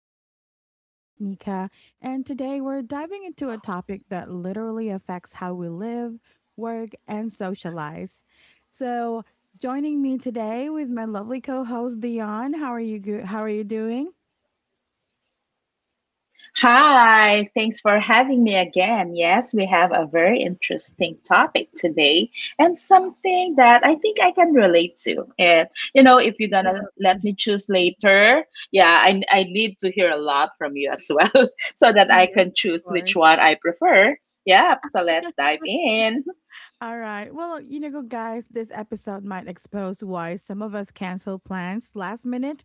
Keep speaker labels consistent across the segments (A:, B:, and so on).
A: Us. I'm your host, Nika, and today we're diving into a topic that literally affects how we live, work, and socialize. So, joining me today with my lovely co host, Dion. How are you? How are you doing?
B: Hi, thanks for having me again. Yes, we have a very interesting topic today and something that I think I can relate to. And you know, if you're gonna let
A: Definitely.
B: me choose later, yeah, I need to hear a lot from you as well so that I
A: Yes,
B: can
A: of
B: choose which
A: course.
B: one I prefer. Yeah, so let's dive in.
A: All right. Well, you know, guys, this episode might expose why some of us cancel plans last minute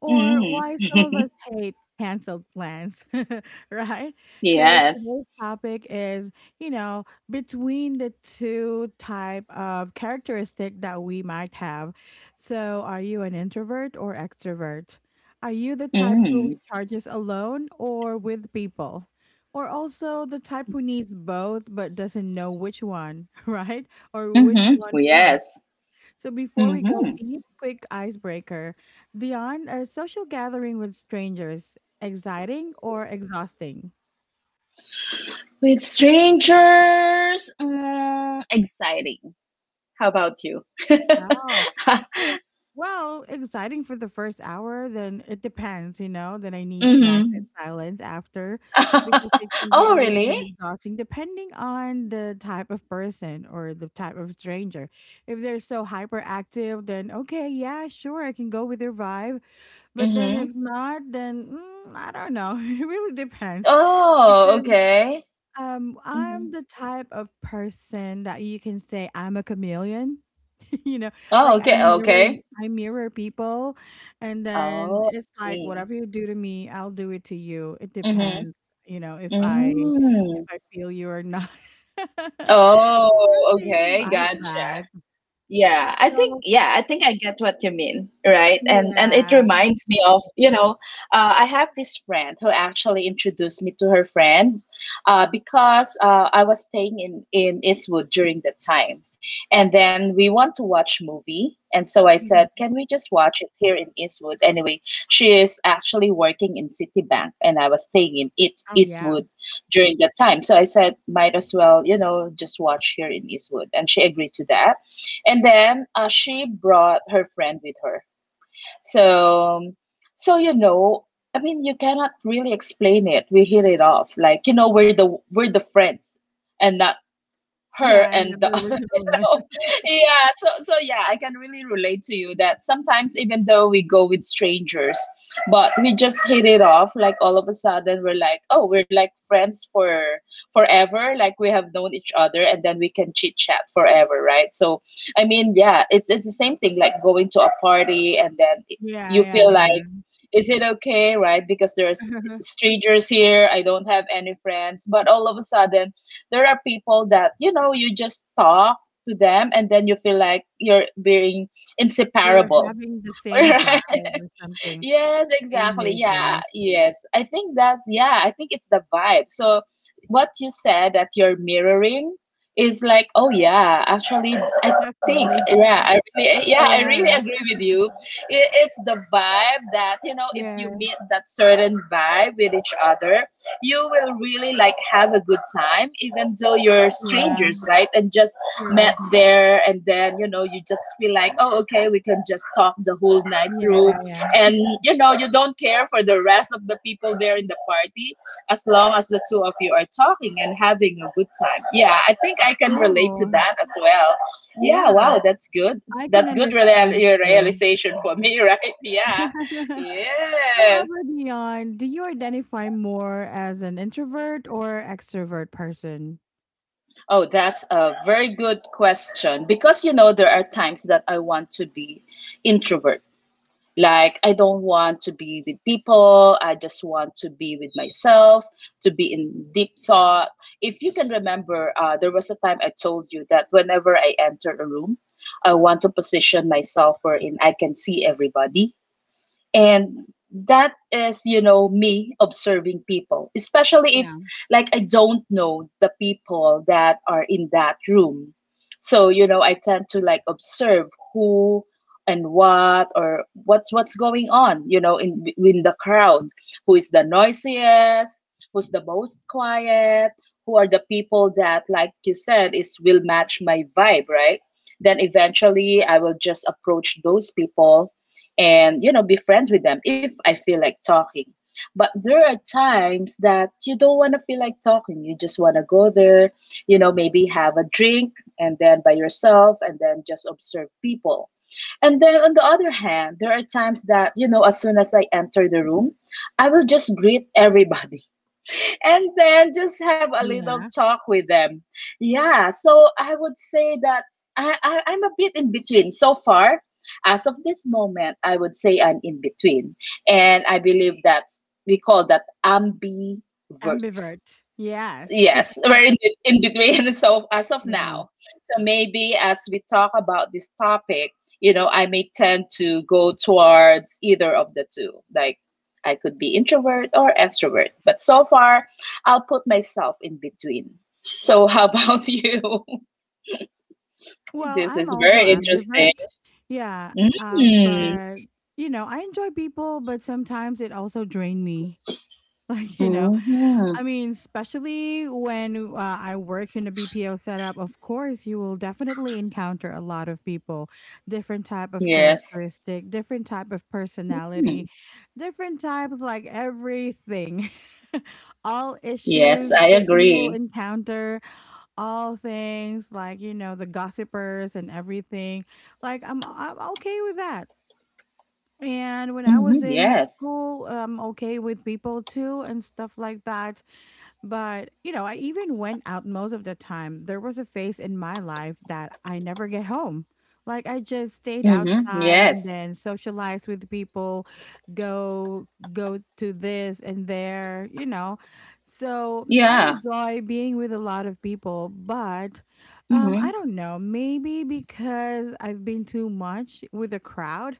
A: or why some of us hate canceled plans, right? Because
B: Yes.
A: today's topic is, you know, between the two type of characteristic that we might have. So, are you an introvert or extrovert? Are you the type who
B: Mm.
A: recharges alone or with people? Or also the type who needs both but doesn't know which one, right? Or which
B: Mm-hmm.
A: one more.
B: Yes.
A: So before we go
B: Mm-hmm.
A: deep, quick icebreaker. Dion, a social gathering with strangers, exciting or exhausting?
B: With strangers, exciting. How about you?
A: Oh. Oh, well, exciting for the first hour, then it depends, you know, then I need snacks and
B: Mhm.
A: silence after because it can be
B: Oh,
A: a little
B: really?
A: bit exhausting depending on the type of person or the type of stranger. If they're so hyperactive, then okay, yeah, sure, I can go with their vibe. But then if
B: Mhm.
A: not, then I don't know. It really depends
B: Oh,
A: because
B: okay.
A: I'm
B: Mhm.
A: the type of person that you can say I'm a chameleon. You know,
B: Oh,
A: like i
B: okay.
A: mirror
B: Okay.
A: I mirror people, and then
B: Oh, I
A: it's like
B: see.
A: whatever you do to me, I'll do it to you. It
B: Mhm.
A: depends, you know, if
B: Mm.
A: I feel you or not.
B: Oh,
A: Something
B: okay.
A: like that.
B: Gotcha. Yeah, I think
A: So
B: yeah, I think I get what you mean, right? And it
A: yeah.
B: reminds me of, you know, I have this friend who actually introduced me to her friend, because I was staying in Eastwood during that time, and then we want to watch movie, and so I said,
A: Mhm.
B: can we just watch it here in Eastwood? Anyway, she is actually working in Citibank, and I was staying in
A: Oh yeah.
B: Eastwood during that time, so I said, might as well, you know, just watch here in Eastwood, and she agreed to that. And then she brought her friend with her. So, so, you know, I mean, you cannot really explain it. We hit it off. Like, you know, we're the friends and not her
A: Yeah.
B: and the
A: Another original
B: you
A: one.
B: know. Yeah, I can really relate to you that sometimes even though we go with strangers, but we just hit it off, like all of a sudden we're like, oh, we're like friends for forever, like we have known each other, and then we can chit chat forever, right? So I mean, yeah, it's the same thing like going to a party, and then
A: Yeah.
B: you
A: Yeah,
B: feel like,
A: yeah.
B: is it okay, right? Because there's strangers here, I don't have any friends, but all of a sudden there are people that, you know, you just talk to them, and then you feel like you're being
A: You're
B: inseparable.
A: having the same vibe
B: Right?
A: or something.
B: Yes,
A: Same
B: exactly. Yeah,
A: wavelength.
B: yes. I think it's the vibe. So what you said, that you're mirroring, is like, oh yeah, actually, I think,
A: Definitely.
B: yeah, I really
A: Yeah.
B: agree with you. It's the vibe that, you know, if you meet
A: Yes.
B: that certain vibe with each other, you will really like have a good time, even though you're
A: Yeah.
B: strangers, right? And just
A: True.
B: met there, and then, you know, you just feel like, oh, okay, we can just talk the whole night
A: Yeah,
B: through,
A: yeah, yeah.
B: and you know, you don't care for the rest of the people there in the party, as long as the two of you are talking and having a good time. Yeah, I think I can relate to
A: True.
B: that as well. Yeah,
A: Yeah,
B: wow, that's good.
A: I can understand too.
B: Realization for me, right? Yeah.
A: However,
B: Yes.
A: Dion, do you identify more as an introvert or extrovert person?
B: Oh, that's a very good question, because you know, there are times that I want to be introvert. Like, I don't want to be with people. I just want to be with myself, to be in deep thought. If you can remember, there was a time I told you that whenever I enter a room, I want to position myself wherein I can see everybody. And that is, you know, me observing people, especially if,
A: Yeah,
B: like, I don't know the people that are in that room. So, you know, I tend to like observe who and what, or what's going on, you know, in the crowd. Who is the noisiest? Who's the most quiet? Who are the people that, like you said, is will match my vibe, right? Then eventually I will just approach those people, and you know, be friends with them if I feel like talking. But there are times that you don't want to feel like talking. You just want to go there, you know, maybe have a drink and then by yourself, and then just observe people. And then on the other hand, there are times that, you know, as soon as I enter the room, I will just greet everybody, and then just have a little
A: yeah.
B: talk with them. Yeah, so I would say that I'm a bit in between. So far, as of this moment, I would say I'm in between. And I believe that we call that ambiverts.
A: Ambivert. Yes.
B: Yes, we're in the, in between, so as of
A: Yeah.
B: now. So maybe as we talk about this topic, you know, I may tend to go towards either of the two. Like I could be introvert or extrovert, but so far I'll put myself in between. So how about you?
A: Well,
B: This
A: I'm
B: is
A: also
B: very interesting.
A: ambivert. Yeah.
B: Mm.
A: But you know, I enjoy people, but sometimes it also drain me. Like, you know,
B: Hmm.
A: I mean, especially when I work in a BPO setup, of course, you will definitely encounter a lot of people, different type of
B: Yes.
A: characteristic, different type of
B: Hmm.
A: personality, different types like everything. All
B: Yes,
A: issues
B: I
A: that you will
B: agree.
A: encounter, all things like, you know, the gossipers and everything. Like I'm okay with that. And when I
B: Hmm.
A: was in
B: Yes.
A: school, okay with people too and stuff like that. But, you know, I even went out most of the time. There was a phase in my life that I never get home. Like I just stayed
B: Hmm.
A: outside and
B: Yes.
A: then socialized with people, go go to this and there, you know. So I
B: Yeah.
A: enjoy being with a lot of people, but
B: Mm-hmm.
A: I don't know, maybe because I've been too much with the crowd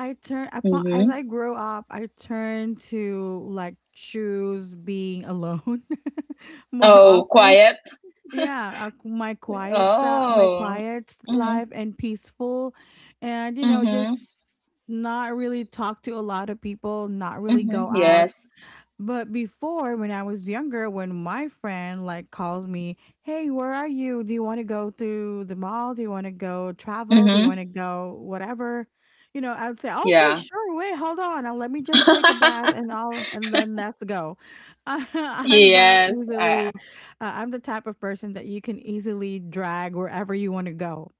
B: Mm-hmm.
A: I grow up, I turn to like choose being alone more
B: Oh,
A: often.
B: quiet.
A: Yeah, my quiet self, my
B: Oh.
A: quiet
B: Mm-hmm.
A: life, and peaceful, and you know,
B: Mm-hmm.
A: just not really talk to a lot of people, not really
B: Mm-hmm.
A: go out,
B: Yes.
A: but before, when I was younger, when my friend like calls me, "Hey, where are you? Do you want to go to the mall? Do you want to go travel?
B: Mm-hmm.
A: Do you want to go whatever?" You know, I'd say, "Okay,
B: Yeah.
A: sure. Wait, hold on. Let me just take a bath and I'll and then let's go." I'm that
B: Yes.
A: easily. I'm the type of person that you can easily drag wherever you want to go.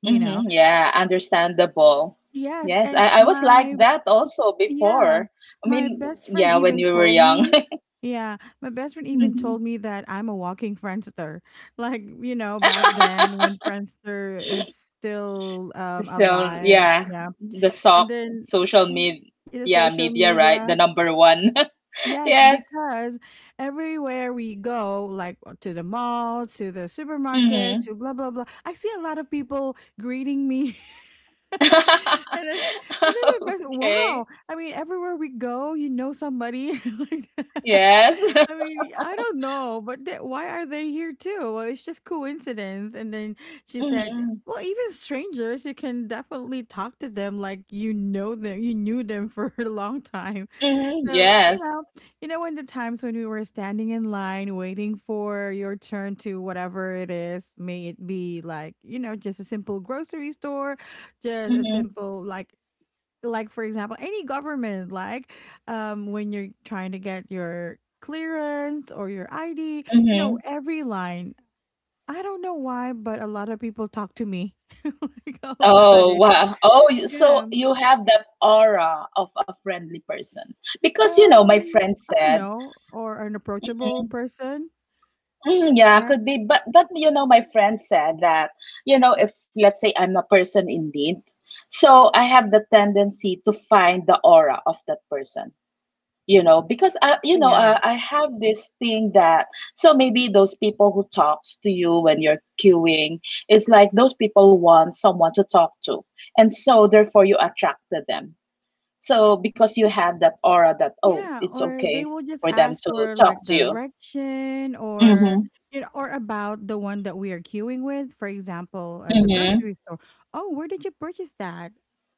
A: You know.
B: Yeah, understandable.
A: Yes,
B: Yes,
A: and
B: I was like
A: my.
B: that also
A: Yeah.
B: before. I
A: My
B: mean,
A: best friend
B: yeah, when
A: even
B: you were
A: told
B: young.
A: me,
B: Hmm.
A: that I'm a walking Friendster. Like, you know, back then when Friendster is still
B: Still,
A: alive.
B: yeah,
A: Yeah.
B: the
A: And
B: soc
A: then
B: social
A: y-
B: media,
A: the social
B: right? The
A: media.
B: number one.
A: Yes,
B: Yes.
A: because everywhere we go, like to the mall, to the supermarket,
B: Mm-hmm.
A: to blah blah blah, I see a lot of people greeting me. And then my best
B: Okay.
A: wow! I mean, everywhere we go, you know somebody like that.
B: Yes.
A: I mean, I don't know, but th why are they here too? Well, it's just coincidence. And then she said,
B: Mm-hmm.
A: "Well, even strangers, you can definitely talk to them like you know them, you knew them for a long time."
B: Mm-hmm.
A: So,
B: Yes.
A: you know in the times when we were standing in line waiting for your turn to whatever it is, may it be like, you know, just a simple grocery store, just a
B: Mm-hmm.
A: simple like for example, any government like when you're trying to get your clearance or your ID, you
B: Mm-hmm.
A: know, every line. I don't know why, but a lot of people talk to me like all of a
B: Oh,
A: sudden.
B: wow. Oh, you-
A: Yeah.
B: so you have that aura of a friendly person. Because, you know, my
A: Um,
B: friend
A: I don't
B: said,
A: know, or an approachable
B: mm-hmm,
A: person,
B: yeah,
A: right?
B: could be, but you know, my friend said that, you know, if let's say I'm a person in need, so I have the tendency to find the aura of that person. You know, because I you
A: Oh,
B: know
A: yeah.
B: I have this thing that, so maybe those people who talks to you when you're queuing, it's like those people want someone to talk to, and so therefore you attracted them, so because you have that aura that, oh,
A: Yeah,
B: it's
A: or
B: okay
A: they will just
B: for them
A: ask
B: to
A: for
B: talk
A: like
B: to you.
A: direction or
B: Mhm.
A: you know, or about the one that we are queuing with. For example, at the
B: Mhm.
A: grocery store. Oh, where did you purchase that?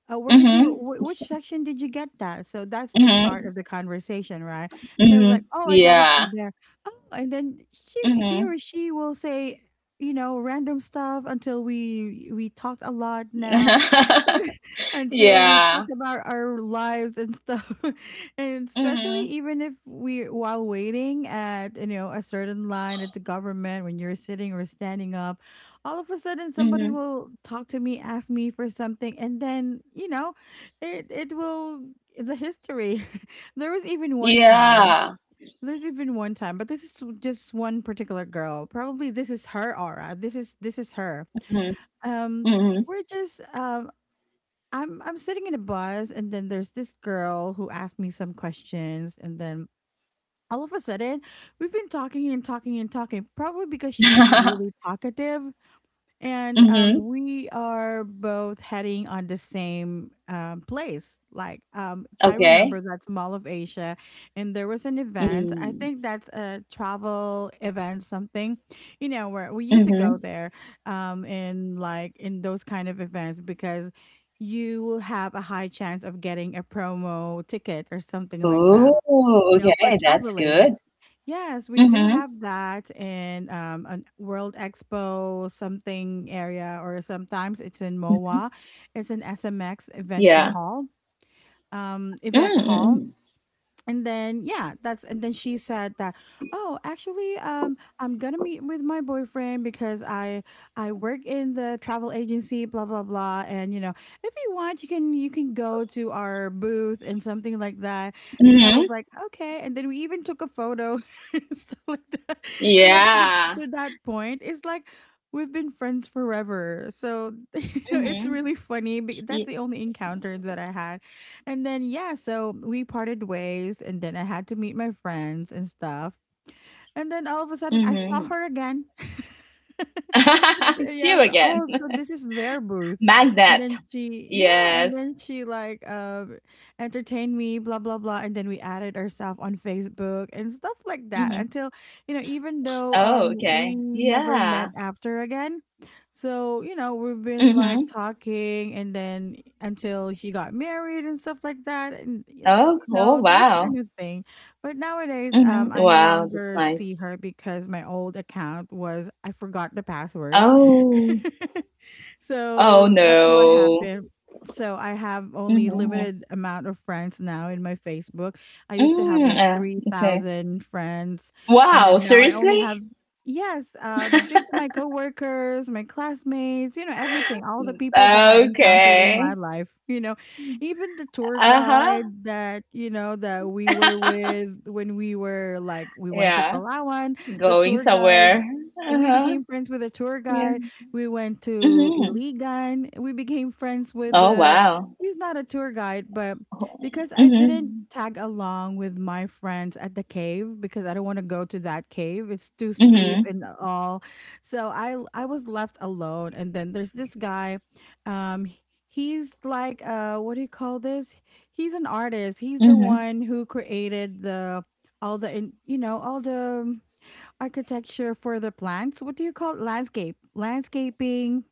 A: Where did you?
B: Mhm.
A: Which
B: S-
A: section did you get that? So that's the
B: mhm.
A: start of the conversation, right? And it was
B: Mhm.
A: like, oh, I got it
B: Yeah.
A: from there. Oh, and then she,
B: Mhm.
A: he or she will say, you know, random stuff until we talked a lot now. Until we talk
B: Yeah.
A: about our lives and stuff and especially
B: Mhm.
A: even if we while waiting at you know a certain line at the government when you're sitting or standing up all of a sudden somebody
B: Mhm.
A: will talk to me, ask me for something, and then you know it will the history. there was even one time
B: Yeah.
A: there's even one time but this is just one particular girl, probably this is her aura, this is her
B: Mhm.
A: um.
B: Mm-hmm.
A: we're just I'm sitting in a bus and then there's this girl who asked me some questions and then all of a sudden we've been talking and talking and talking, probably because she's really talkative, and
B: Mhm.
A: we are both heading on the same place. Like I remember
B: Okay.
A: that's Mall of Asia, and there was an event. I
B: Mm.
A: think that's a travel event, something, you know, where we used to go
B: Mhm.
A: there, in like in those kind of events because you will have a high chance of getting a promo ticket or something like that.
B: Oh.
A: You know, for
B: Okay, that's
A: traveling.
B: good.
A: Yes, we do
B: Mhm.
A: have that in a World Expo something area, or sometimes it's in
B: Mhm.
A: MOA. It's an SMX Invention
B: Yeah.
A: Hall, event
B: Mm.
A: hall,
B: Hmm.
A: and then yeah that's and then she said that oh actually I'm gonna meet with my boyfriend because I work in the travel agency blah blah blah, and you know if you want you can go to our booth and something like that,
B: Mm.
A: and then I
B: Mhm.
A: was like okay, and then we even took a photo and stuff like that, you know to,
B: Yeah.
A: the, to that point it's like we've been friends forever, so you know
B: Mhm.
A: it's really funny that's
B: Y-
A: the only encounter that I had, and then yeah, so we parted ways and then I had to meet my friends and stuff. And then all of a sudden, I saw
B: mhm.
A: her again. And,
B: It's
A: yeah,
B: you
A: so
B: again.
A: oh, so this is their booth, and
B: Magnet.
A: then she, yeah, and
B: Yes.
A: then she like entertained me, blah blah blah, and then we added ourselves on Facebook
B: Mhm.
A: and stuff like that, until you know,
B: Oh,
A: even
B: okay.
A: though we
B: Yeah.
A: never met after again, so you know we've
B: Mhm.
A: been like talking, and then until she got married and stuff like that, and
B: Oh,
A: you know
B: cool.
A: those kind
B: Wow.
A: of things, but nowadays,
B: Mhm.
A: I no
B: Wow, that's
A: longer see
B: nice.
A: her because my old account was I forgot the password.
B: Oh. Oh
A: So that's what
B: no.
A: happened. So I have only
B: Mm-hmm.
A: limited amount of friends now in my Facebook. I used to have
B: Mm,
A: like
B: uh, okay.
A: 3,000 friends and
B: Wow,
A: then now I only
B: seriously?
A: have yes, due to my coworkers, my classmates, you know, everything, all the people that I encountered in my
B: Okay.
A: life, you know, even the tour
B: Uh-huh.
A: guide that, you know, that we were with when we were like we went to
B: Yeah.
A: Palawan, the
B: Going
A: tour guide
B: somewhere.
A: we
B: Uh-huh.
A: became friends with a tour
B: Yeah.
A: guide. We went to
B: Mm-hmm.
A: Iligan. We became friends with
B: Oh,
A: the
B: wow.
A: he's not a tour guide, but because I didn't
B: Mm-hmm.
A: tag along with my friends at the cave because I don't want to go to that cave. It's too
B: Mm-hmm.
A: steep and all. So I was left alone, and then there's this guy um h- he's like what do you call this? He's an artist. He's the
B: Mm-hmm.
A: one who created the all the you know all the architecture for the plants. What do you call it? Landscape, landscaping.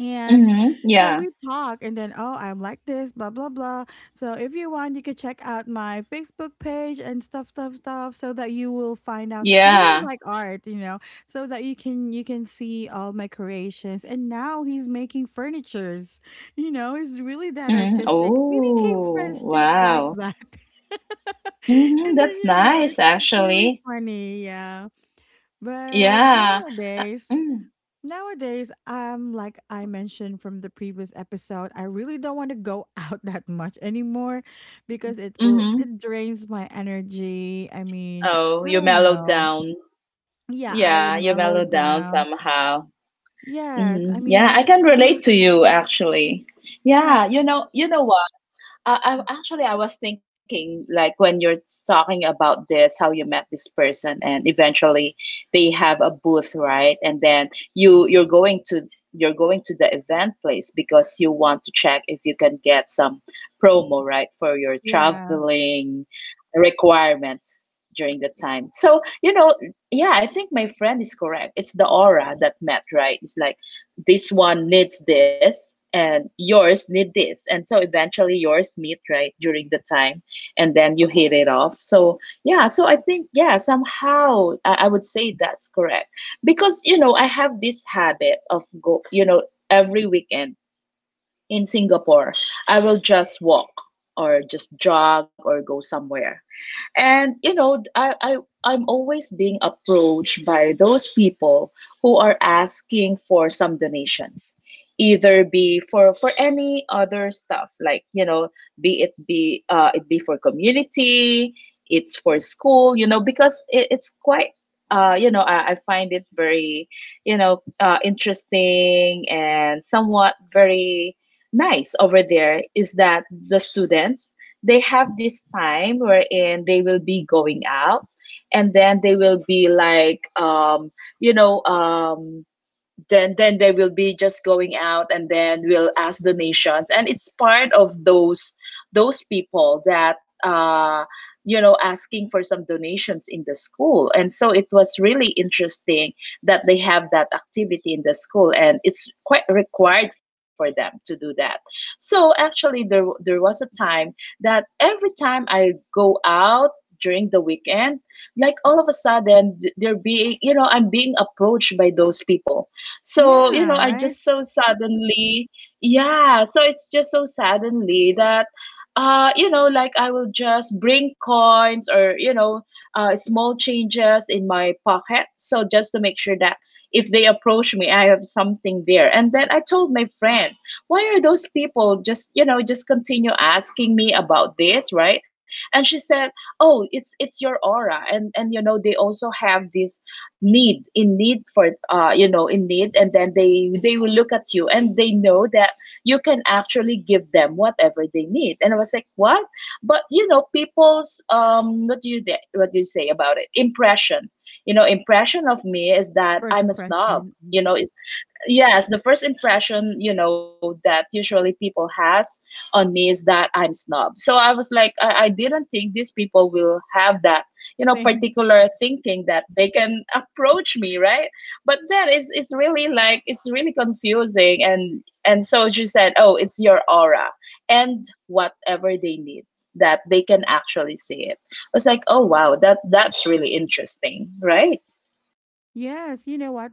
A: And
B: Mm-hmm.
A: you know,
B: Yeah.
A: we talk and then, oh, I'm like this, blah blah blah. So if you want, you can check out my Facebook page and stuff, stuff, stuff, so that you will find out because I
B: Yeah.
A: like art, you know, so that you can see all my creations. And now he's making furnitures, you know, he's really that
B: Mm-hmm.
A: artistic. We became
B: Oh,
A: friends just like
B: wow.
A: that.
B: Mm-hmm.
A: And then
B: That's
A: you know, it's
B: nice,
A: it's really
B: actually.
A: funny, yeah. But
B: Yeah.
A: nowadays,
B: Mm-hmm.
A: nowadays, like I mentioned from the previous episode, I really don't want to go out that much anymore because it will
B: Mm-hmm.
A: it drains my energy. I mean,
B: Oh,
A: I
B: you
A: don't
B: mellowed
A: know.
B: down.
A: Yeah,
B: Yeah,
A: I
B: you mellow
A: mellowed
B: down
A: down.
B: somehow.
A: Yes, I
B: Mhm.
A: mean,
B: Yeah, I
A: like,
B: can
A: well,
B: relate to you actually.
A: yeah,
B: Yeah, you know what? I was thinking, like when you're talking about this, how you met this person, and eventually they have a booth, right? And then you're going to the event place because you want to check if you can get some promo, right, for your
A: yeah,
B: traveling requirements during the time. So, you know, yeah, I think my friend is correct. It's the aura that met, right? It's like this one needs this and yours need this, and so eventually yours meet right during the time, and then you hit it off. So I think yeah, somehow I would say that's correct, because you know, I have this habit of go you know, every weekend in Singapore, I will just walk or just jog or go somewhere. And you know, I I'm always being approached by those people who are asking for some donations, either be for any other stuff, like you know, be it be it be for community, it's for school, you know, because it's quite I find it very, you know, interesting, and somewhat very nice over there is that the students, they have this time wherein they will be going out, and then they will be like, you know um then they will be just going out, and then we'll ask donations, and it's part of those people that, you know, asking for some donations in the school. And so it was really interesting that they have that activity in the school, and it's quite required for them to do that. So actually, there was a time that every time I go out during the weekend, like all of a sudden they're being, you know, I'm being approached by those people. So, you know,
A: yeah,
B: I
A: right.
B: just so suddenly, yeah, so it's just so suddenly that you know, like I will just bring coins, or, you know, small changes in my pocket. So just to make sure that if they approach me, I have something there. And then I told my friend, why are those people just, you know, just continue asking me about this, right? And she said, oh, it's your aura, and you know, they also have this need in need for you know, in need. And then they will look at you and they know that you can actually give them whatever they need. And I was like, what? But you know, people's what do you say about it, impression, you know, impression of me is that
A: First
B: I'm a snob.
A: impression, mm,
B: You know, is yes, the first impression, you know, that usually people has on me is that I'm snob. So I was like, I didn't think these people will have that, you know,
A: same.
B: particular thinking that they can approach me, right? But then it's really like it's really confusing, and so she said, oh, it's your aura and whatever they need, that they can actually see it. I was like, oh wow, that's really interesting, right?
A: Yes, you know what?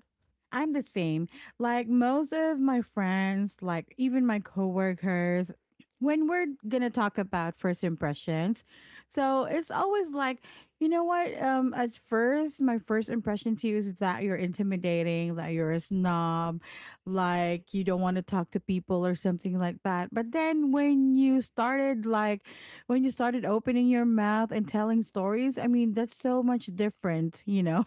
A: I'm the same. Like most of my friends, like even my coworkers, when we're gonna talk about first impressions, so it's always like, you know what? At first, my first impression to you is that you're intimidating, that you're a snob, like you don't want to talk to people or something like that. But then when you started, like, when you started opening your mouth and telling stories, I mean, that's so much different, you know.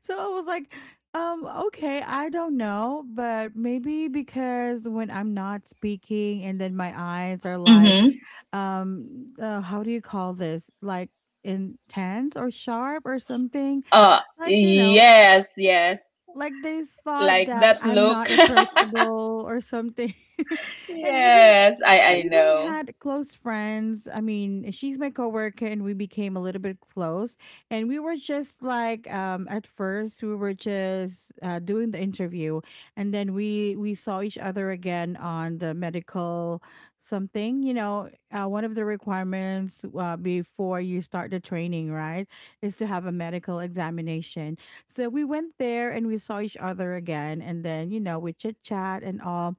A: So I was like, okay, I don't know, but maybe because when I'm not speaking and then my eyes are like,
B: Mm-hmm.
A: how do you call this? Like intense or sharp or something? Like, you know,
B: Yes, yes.
A: like they thought
B: Like
A: that
B: that
A: I'm
B: look.
A: not approachable or something. And even
B: Yes, I
A: I
B: I
A: even
B: know.
A: had close friends. I mean, she's my coworker and we became a little bit close. And we were just like at first we were just doing the interview and then we saw each other again on the medical something, you know, one of the requirements before you start the training, right, is to have a medical examination. So we went there and we saw each other again and then, you know, we chit-chat and all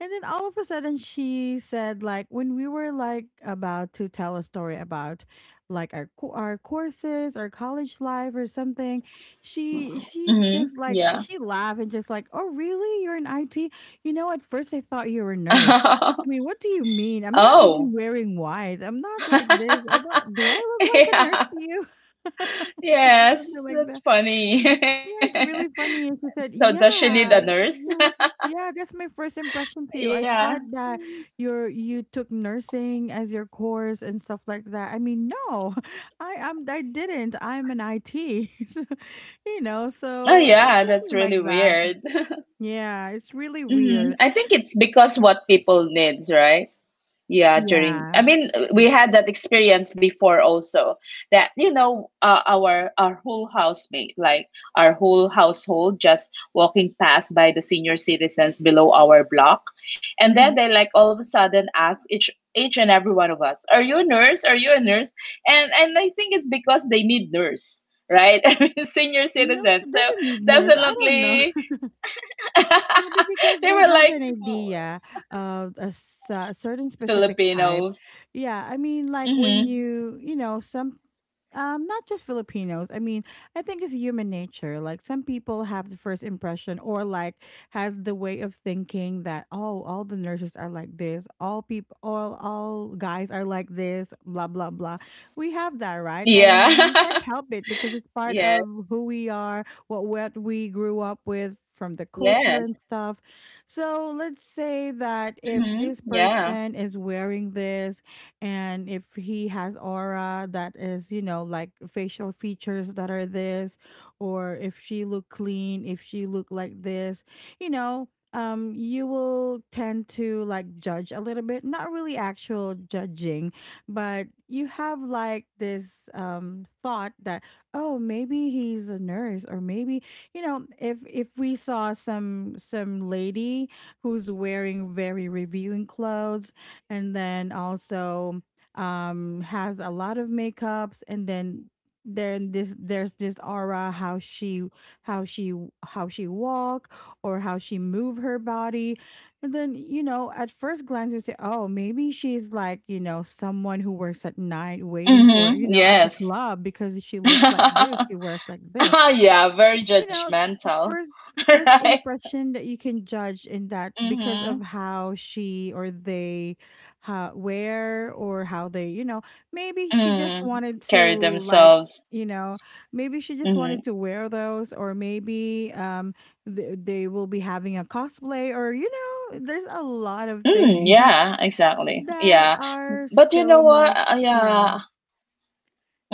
A: and then all of a sudden she said like when we were like about to tell a story about like our courses, our college life or something, she
B: Mm-hmm.
A: just like
B: Yeah.
A: she laughed and just like, "Oh, really? You're in IT? You know, at first I thought you were a nurse." I mean, what do you mean? I'm not
B: Oh.
A: even wearing white. I'm not like this. I don't do I look like a nurse
B: Yeah.
A: to you? Something
B: Yes,
A: like
B: that's funny.
A: yeah, it's really funny. And she
B: So
A: said,
B: does she need a
A: "Yeah,
B: nurse?
A: you look. Yeah, that's my first impression to you. I
B: Yeah.
A: thought that you took nursing as your course and stuff like that. I mean, no, I am. I didn't. I'm an IT. So, you know,
B: Oh
A: so it's
B: yeah, that's
A: something
B: really
A: like that.
B: weird.
A: Yeah, it's really weird.
B: I think it's because what people needs, right? Yeah, during
A: Yeah.
B: I mean we had that experience before also, that you know, our whole housemate, like our whole household, just walking past by the senior citizens below our block. And then
A: Mm-hmm.
B: they, like, all of a sudden ask each and every one of us, are you a nurse? Are you a nurse? And I think it's because they need nurse, right? I mean, senior
A: No, she
B: citizens, so
A: doesn't need nurse. I don't know.
B: definitely.
A: Maybe because
B: They
A: they
B: were
A: have an
B: like,
A: idea of a certain specific type.
B: Filipinos.
A: Yeah, I mean, like when
B: Mhm.
A: you know, some not just filipinos, I mean, I think it's human nature, like some people have the first impression, or like has the way of thinking that, oh, all the nurses are like this, all people, all guys are like this, blah blah blah. We have that, right?
B: Yeah.
A: And we can't help it because it's part
B: Yes.
A: of who we are, what we grew up with, from the
B: Yes.
A: culture and stuff. So let's say that
B: Mm-hmm.
A: if this
B: Yeah.
A: person is wearing this, and if he has aura that is, you know, like facial features that are this, or if she look clean, if she look like this, you know, you will tend to like judge a little bit, not really actual judging, but you have like this thought that, oh, maybe he's a nurse, or maybe, you know, if we saw some lady who's wearing very revealing clothes, and then also has a lot of makeups, and then this there's this aura, how she, how she, how she walk, or how she move her body, and then you know at first glance you say, oh, maybe she's like, you know, someone who works at night, waiting for,
B: Mm-hmm.
A: you know, at the
B: Yes.
A: club, because she looks like this, she wears like this,
B: Yeah, very
A: you know,
B: judgmental.
A: first first
B: Right?
A: impression that you can judge in that because
B: Mm-hmm.
A: of how she or they, how where or how they, you know, maybe she just
B: Mm.
A: wanted
B: Carry
A: to like,
B: themselves.
A: you know, maybe she just
B: Mm-hmm.
A: wanted to wear those, or maybe they will be having a cosplay, or you know there's a lot of
B: Mm,
A: things
B: yeah, exactly.
A: that
B: Yeah.
A: are
B: But you know
A: so
B: what?
A: much yeah
B: Yeah,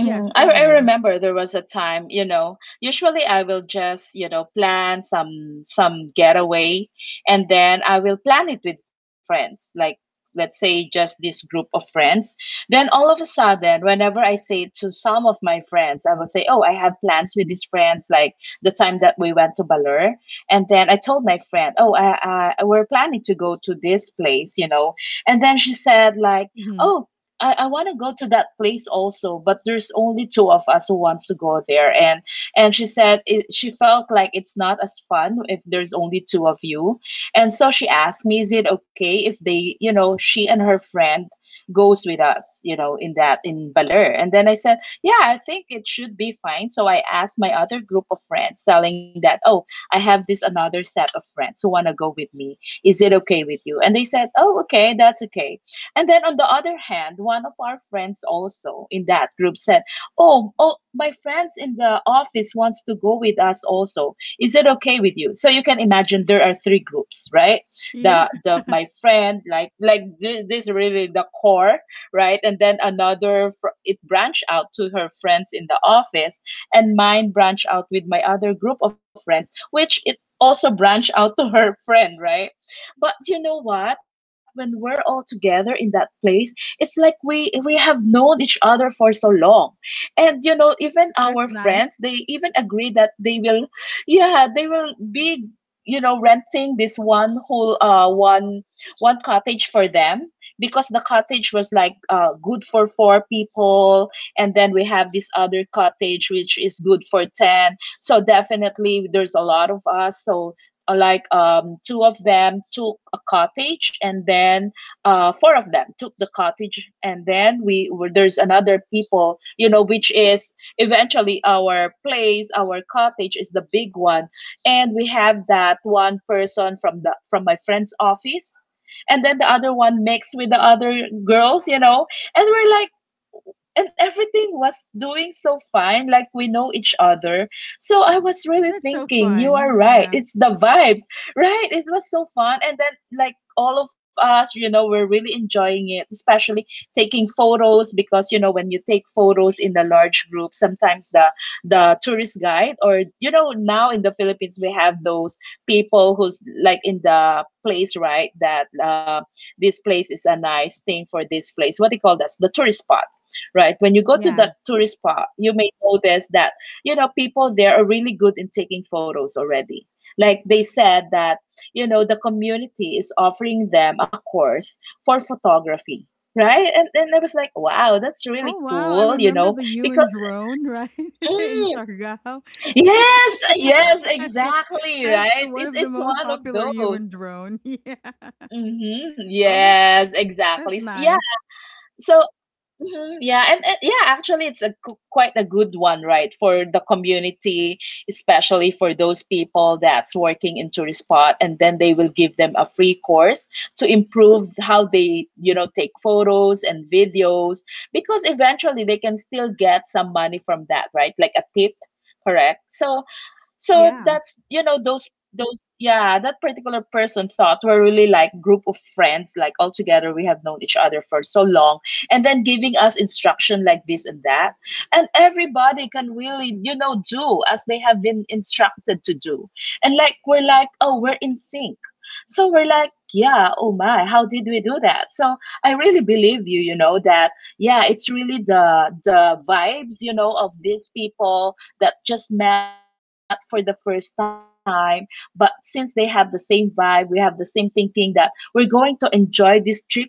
A: yes
B: I,
A: go
B: I
A: ahead
B: remember there was a time, you know, usually I will just, you know, plan some getaway. And then I will plan it with friends, like let's say just this group of friends. Then all of a sudden, whenever I say to some of my friends, I will say, "Oh, I have plans with these friends," like the time that we went to Baler. And then I told my friend, "Oh, I we're planning to go to this place," you know. And then she said like,
A: hmm
B: oh, I want to go to that place also, but there's only two of us who wants to go there. And she said it, she felt like it's not as fun if there's only two of you. And so she asked me, is it okay if they, you know, she and her friend goes with us, you know, in that in Baler. And then I said, yeah, I think it should be fine. So I asked my other group of friends, telling that, oh, I have this another set of friends who want to go with me. Is it okay with you? And they said, oh, okay, that's okay. And then on the other hand, one of our friends also in that group said, "Oh, oh, my friends in the office wants to go with us also. Is it okay with you?" So you can imagine there are three groups, right?
A: yeah
B: The my friend like this really the core, right? And then another, it branched out to her friends in the office, and mine branched out with my other group of friends, which it also branched out to her friend, right? But you know what? When we're all together in that place, it's like we have known each other for so long. And you know, even our
A: that's nice
B: friends, they even agree that they will, yeah, they will be, you know, renting this one whole one cottage for them, because the cottage was like good for four people, and then we have this other cottage which is good for 10. So definitely there's a lot of us. So like two of them took a cottage, and then four of them took the cottage. And then we were, there's another people, you know, which is eventually our place, our cottage is the big one. And we have that one person from the from my friend's office, and then the other one mixed with the other girls, you know. And we're like, and everything was doing so fine, like we know each other. So I was really
A: that's so
B: thinking, you are
A: fun
B: right.
A: yeah
B: It's the vibes, right? It was so fun. And then, like, all of us, you know, we're really enjoying it, especially taking photos because, you know, when you take photos in the large group, sometimes the tourist guide, or you know, now in the Philippines we have those people who's like in the place, right? That this place is a nice thing for this place. What they call that? The tourist spot, right? When you go to
A: yeah.
B: that tourist spot, you may notice that, you know, people there are really good in taking photos already. Like they said that, you know, the community is offering them a course for photography, right? And I was like, wow, that's
A: Oh,
B: really
A: wow, I
B: cool, you
A: remember
B: know,
A: the human
B: because,
A: drone, right? In
B: mm,
A: Siargao.
B: yes, yes,
A: Yeah,
B: exactly,
A: that's
B: right?
A: one
B: It,
A: of the
B: it's
A: most
B: one of
A: popular human
B: those.
A: drone. Yeah.
B: Mm-hmm,
A: Oh,
B: yes, exactly.
A: that's
B: S-
A: nice.
B: Yeah, so, mhm, yeah, and yeah, actually, it's a gu- quite a good one, right, for the community, especially for those people that's working in tourist spot, and then they will give them a free course to improve how they, you know, take photos and videos, because eventually they can still get some money from that, right, like a tip, correct? So so
A: Yeah.
B: that's, you know, those yeah, that particular person thought we're really like group of friends, like all together we have known each other for so long, and then giving us instruction like this and that. And everybody can really, you know, do as they have been instructed to do. And like we're like, oh, we're in sync. So we're like, yeah, oh my, how did we do that? So I really believe you, you know, that yeah, it's really the vibes, you know, of these people that just met for the first time. But since they have the same vibe, we have the same thinking that we're going to enjoy this trip no matter what.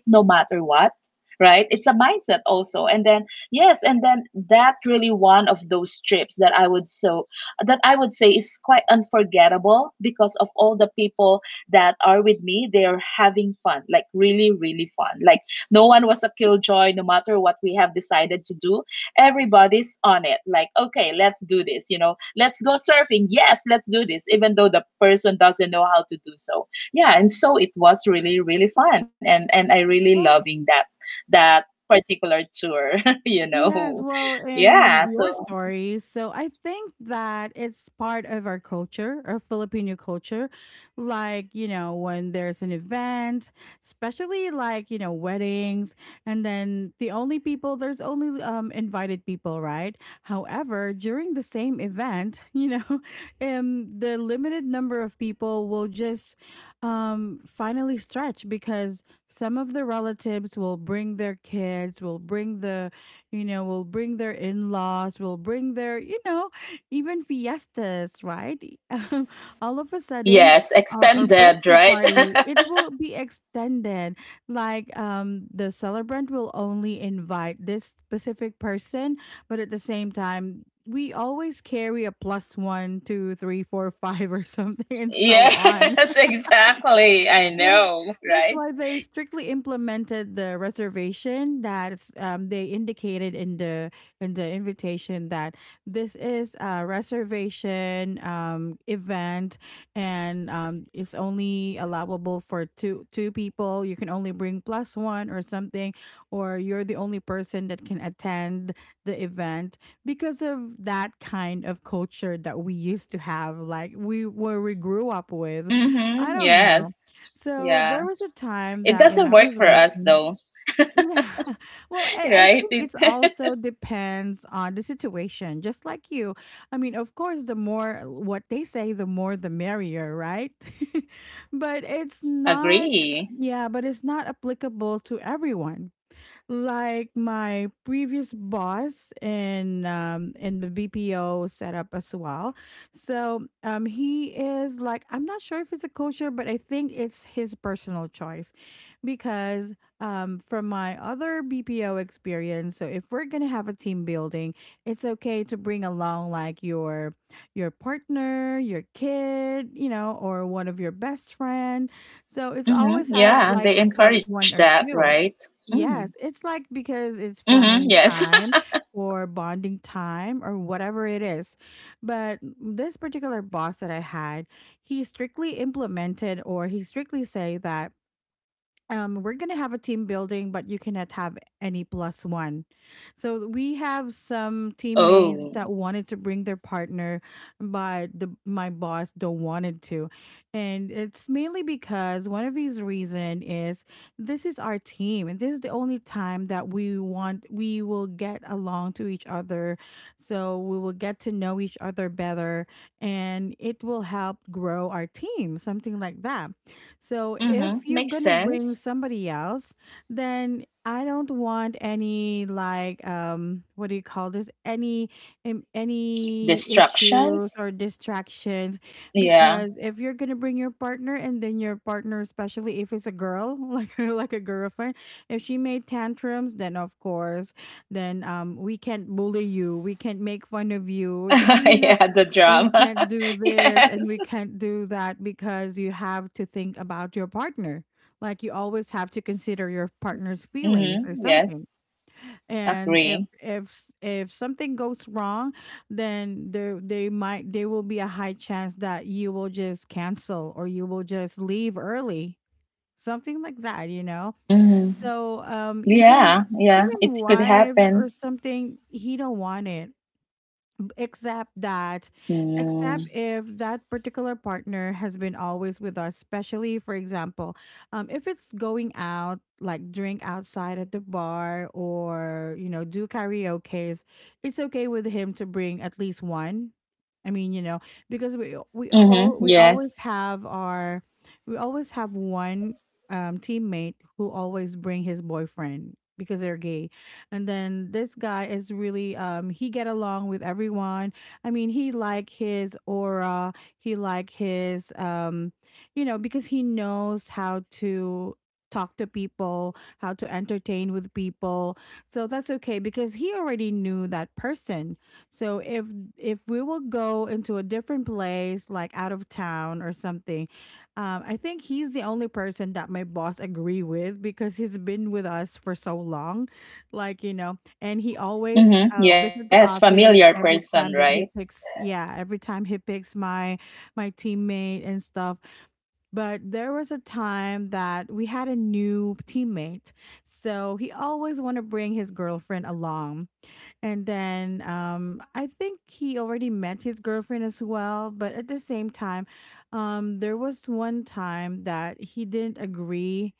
B: Right? It's a mindset also. And then yes, and then that really one of those trips that I would so that I would say is quite unforgettable because of all the people that are with me. They're having fun, like really, really fun. Like no one was a killjoy, no matter what we have decided to do. Everybody's on it. Like, okay, let's do this, you know, let's go surfing. Yes, let's do this, even though the person doesn't know how to do so. Yeah, and so it was really, really fun. And I really
A: Well,
B: loving that that particular tour, you
A: yes,
B: know.
A: well, in
B: Yeah,
A: your
B: so
A: stories, so I think that it's part of our culture, our Filipino culture. Like, you know, when there's an event, especially like, you know, weddings, and then the only people, there's only invited people, right? However, during the same event, you know, the limited number of people will just finally stretch because some of the relatives will bring their kids, will bring the you know, will bring their in-laws, will bring their you know, even fiestas, right. All of a sudden
B: yes,
A: our
B: extended,
A: birthday
B: right?
A: party, it will be extended, like the celebrant will only invite this specific person, but at the same time we always carry a plus 1 2 3 4 five or something and so
B: Yes,
A: on.
B: exactly. I
A: Yes,
B: know,
A: that's
B: right?
A: why they strictly
B: Yeah, that's
A: implemented the reservation that they indicated in the invitation that this is a reservation event, and it's only allowable for two people. You can only bring plus one or something, or you're the only person that can attend the event because of that kind of culture that we used to have, like we where we grew up with. I
B: mm-hmm,
A: don't know.
B: yes.
A: So there
B: Yeah.
A: was a time
B: It
A: that when
B: doesn't
A: I
B: work
A: was
B: for us
A: working,
B: though,
A: yeah, well, I
B: right?
A: think it's
B: It,
A: also depends on the situation, just like you. I mean, of course, the more what they say, the more the merrier, right? But it's not,
B: agree.
A: yeah, but it's not applicable to everyone, like my previous boss in the BPO setup as well. So he is like, I'm not sure if it's a culture, but I think it's his personal choice because from my other BPO experience, so if we're gonna have a team building, it's okay to bring along like your partner, your kid, you know, or one of your best friend. So it's always
B: Mm-hmm,
A: had like
B: yeah,
A: a
B: they
A: plus one
B: encourage
A: or
B: that,
A: two.
B: right?
A: Yes,
B: Mm.
A: it's like because it's family
B: Mm-hmm, yes.
A: time or bonding time or whatever it is. But this particular boss that I had, he strictly implemented or he strictly say that we're gonna have a team building, but you cannot have any plus one. So we have some teammates
B: Oh.
A: that wanted to bring their partner, but the my boss don't wanted to, and it's mainly because one of his reason is this is our team, and this is the only time that we want we will get along to each other, so we will get to know each other better, and it will help grow our team, something like that. So if
B: Mm-hmm,
A: you're
B: makes
A: gonna bring
B: sense.
A: somebody else, then I don't want any like what do you call this? Any issues
B: Distractions.
A: or distractions
B: Yeah.
A: because if you're gonna bring your partner, and then your partner, especially if it's a girl, like a girlfriend, if she made tantrums, then of course, then we can't bully you, we can't make fun of you, we can, you know,
B: Yeah, the
A: we
B: drama.
A: can't do this and
B: Yes.
A: we can't do that because you have to think about your partner. Like you always have to consider your partner's feelings or
B: Mm-hmm,
A: something.
B: yes.
A: And
B: Agree.
A: if if something goes wrong, then there they might there will be a high chance that you will just cancel or you will just leave early. Something like that, you know. So
B: Yeah,
A: even
B: yeah,
A: even
B: it could
A: wives
B: happen.
A: or something, he don't want it job, except that except
B: Mm.
A: if that particular partner has been always with us, especially for example, if it's going out like drink outside at the bar, or you know, do karaoke's. It's okay with him to bring at least one. I mean. Because we
B: Mm-hmm.
A: always
B: Yes.
A: have our we always have one, teammate who always bring his boyfriend because they're gay. And then this guy is really, he get along with everyone. I mean, he like his aura, he like his, you know, because he knows how to talk to people, how to entertain with people. So that's okay because he already knew that person. So if we will go into a different place like out of town or something, I think he's the only person that my boss agree with because he's been with us for so long. Like, you know, and he always,
B: Mm-hmm.
A: visit the
B: Yes,
A: office
B: familiar
A: every
B: person,
A: time that he
B: right?
A: picks, yeah, every time he picks my teammate and stuff. But there was a time that we had a new teammate. So he always want to bring his girlfriend along. And then, I think he already met his girlfriend as well. But at the same time, there was one time that he didn't agree,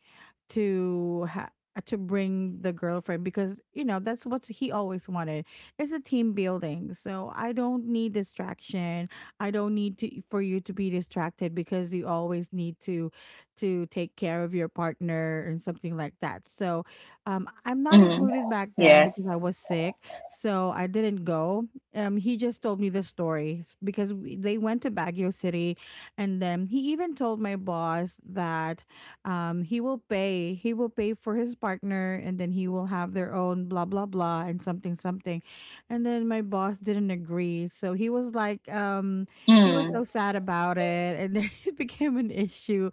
A: to ha- to bring the girlfriend, because you know that's what he always wanted. It's a team building, so I don't need distraction. I don't need to for you to be distracted because you always need to take care of your partner and something like that. So, I'm not included
B: Mm.
A: back then because I was
B: Yes.
A: sick, so I didn't go. He just told me the story because they went to Baguio City, and then he even told my boss that, he will pay. He will pay for his partner, and then he will have their own blah blah blah and something something. And then my boss didn't agree, so he was like, he was so
B: Mm.
A: sad about it, and then it became an issue.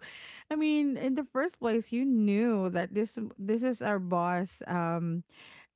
A: I mean, in the first place, you knew that this is our boss. Um,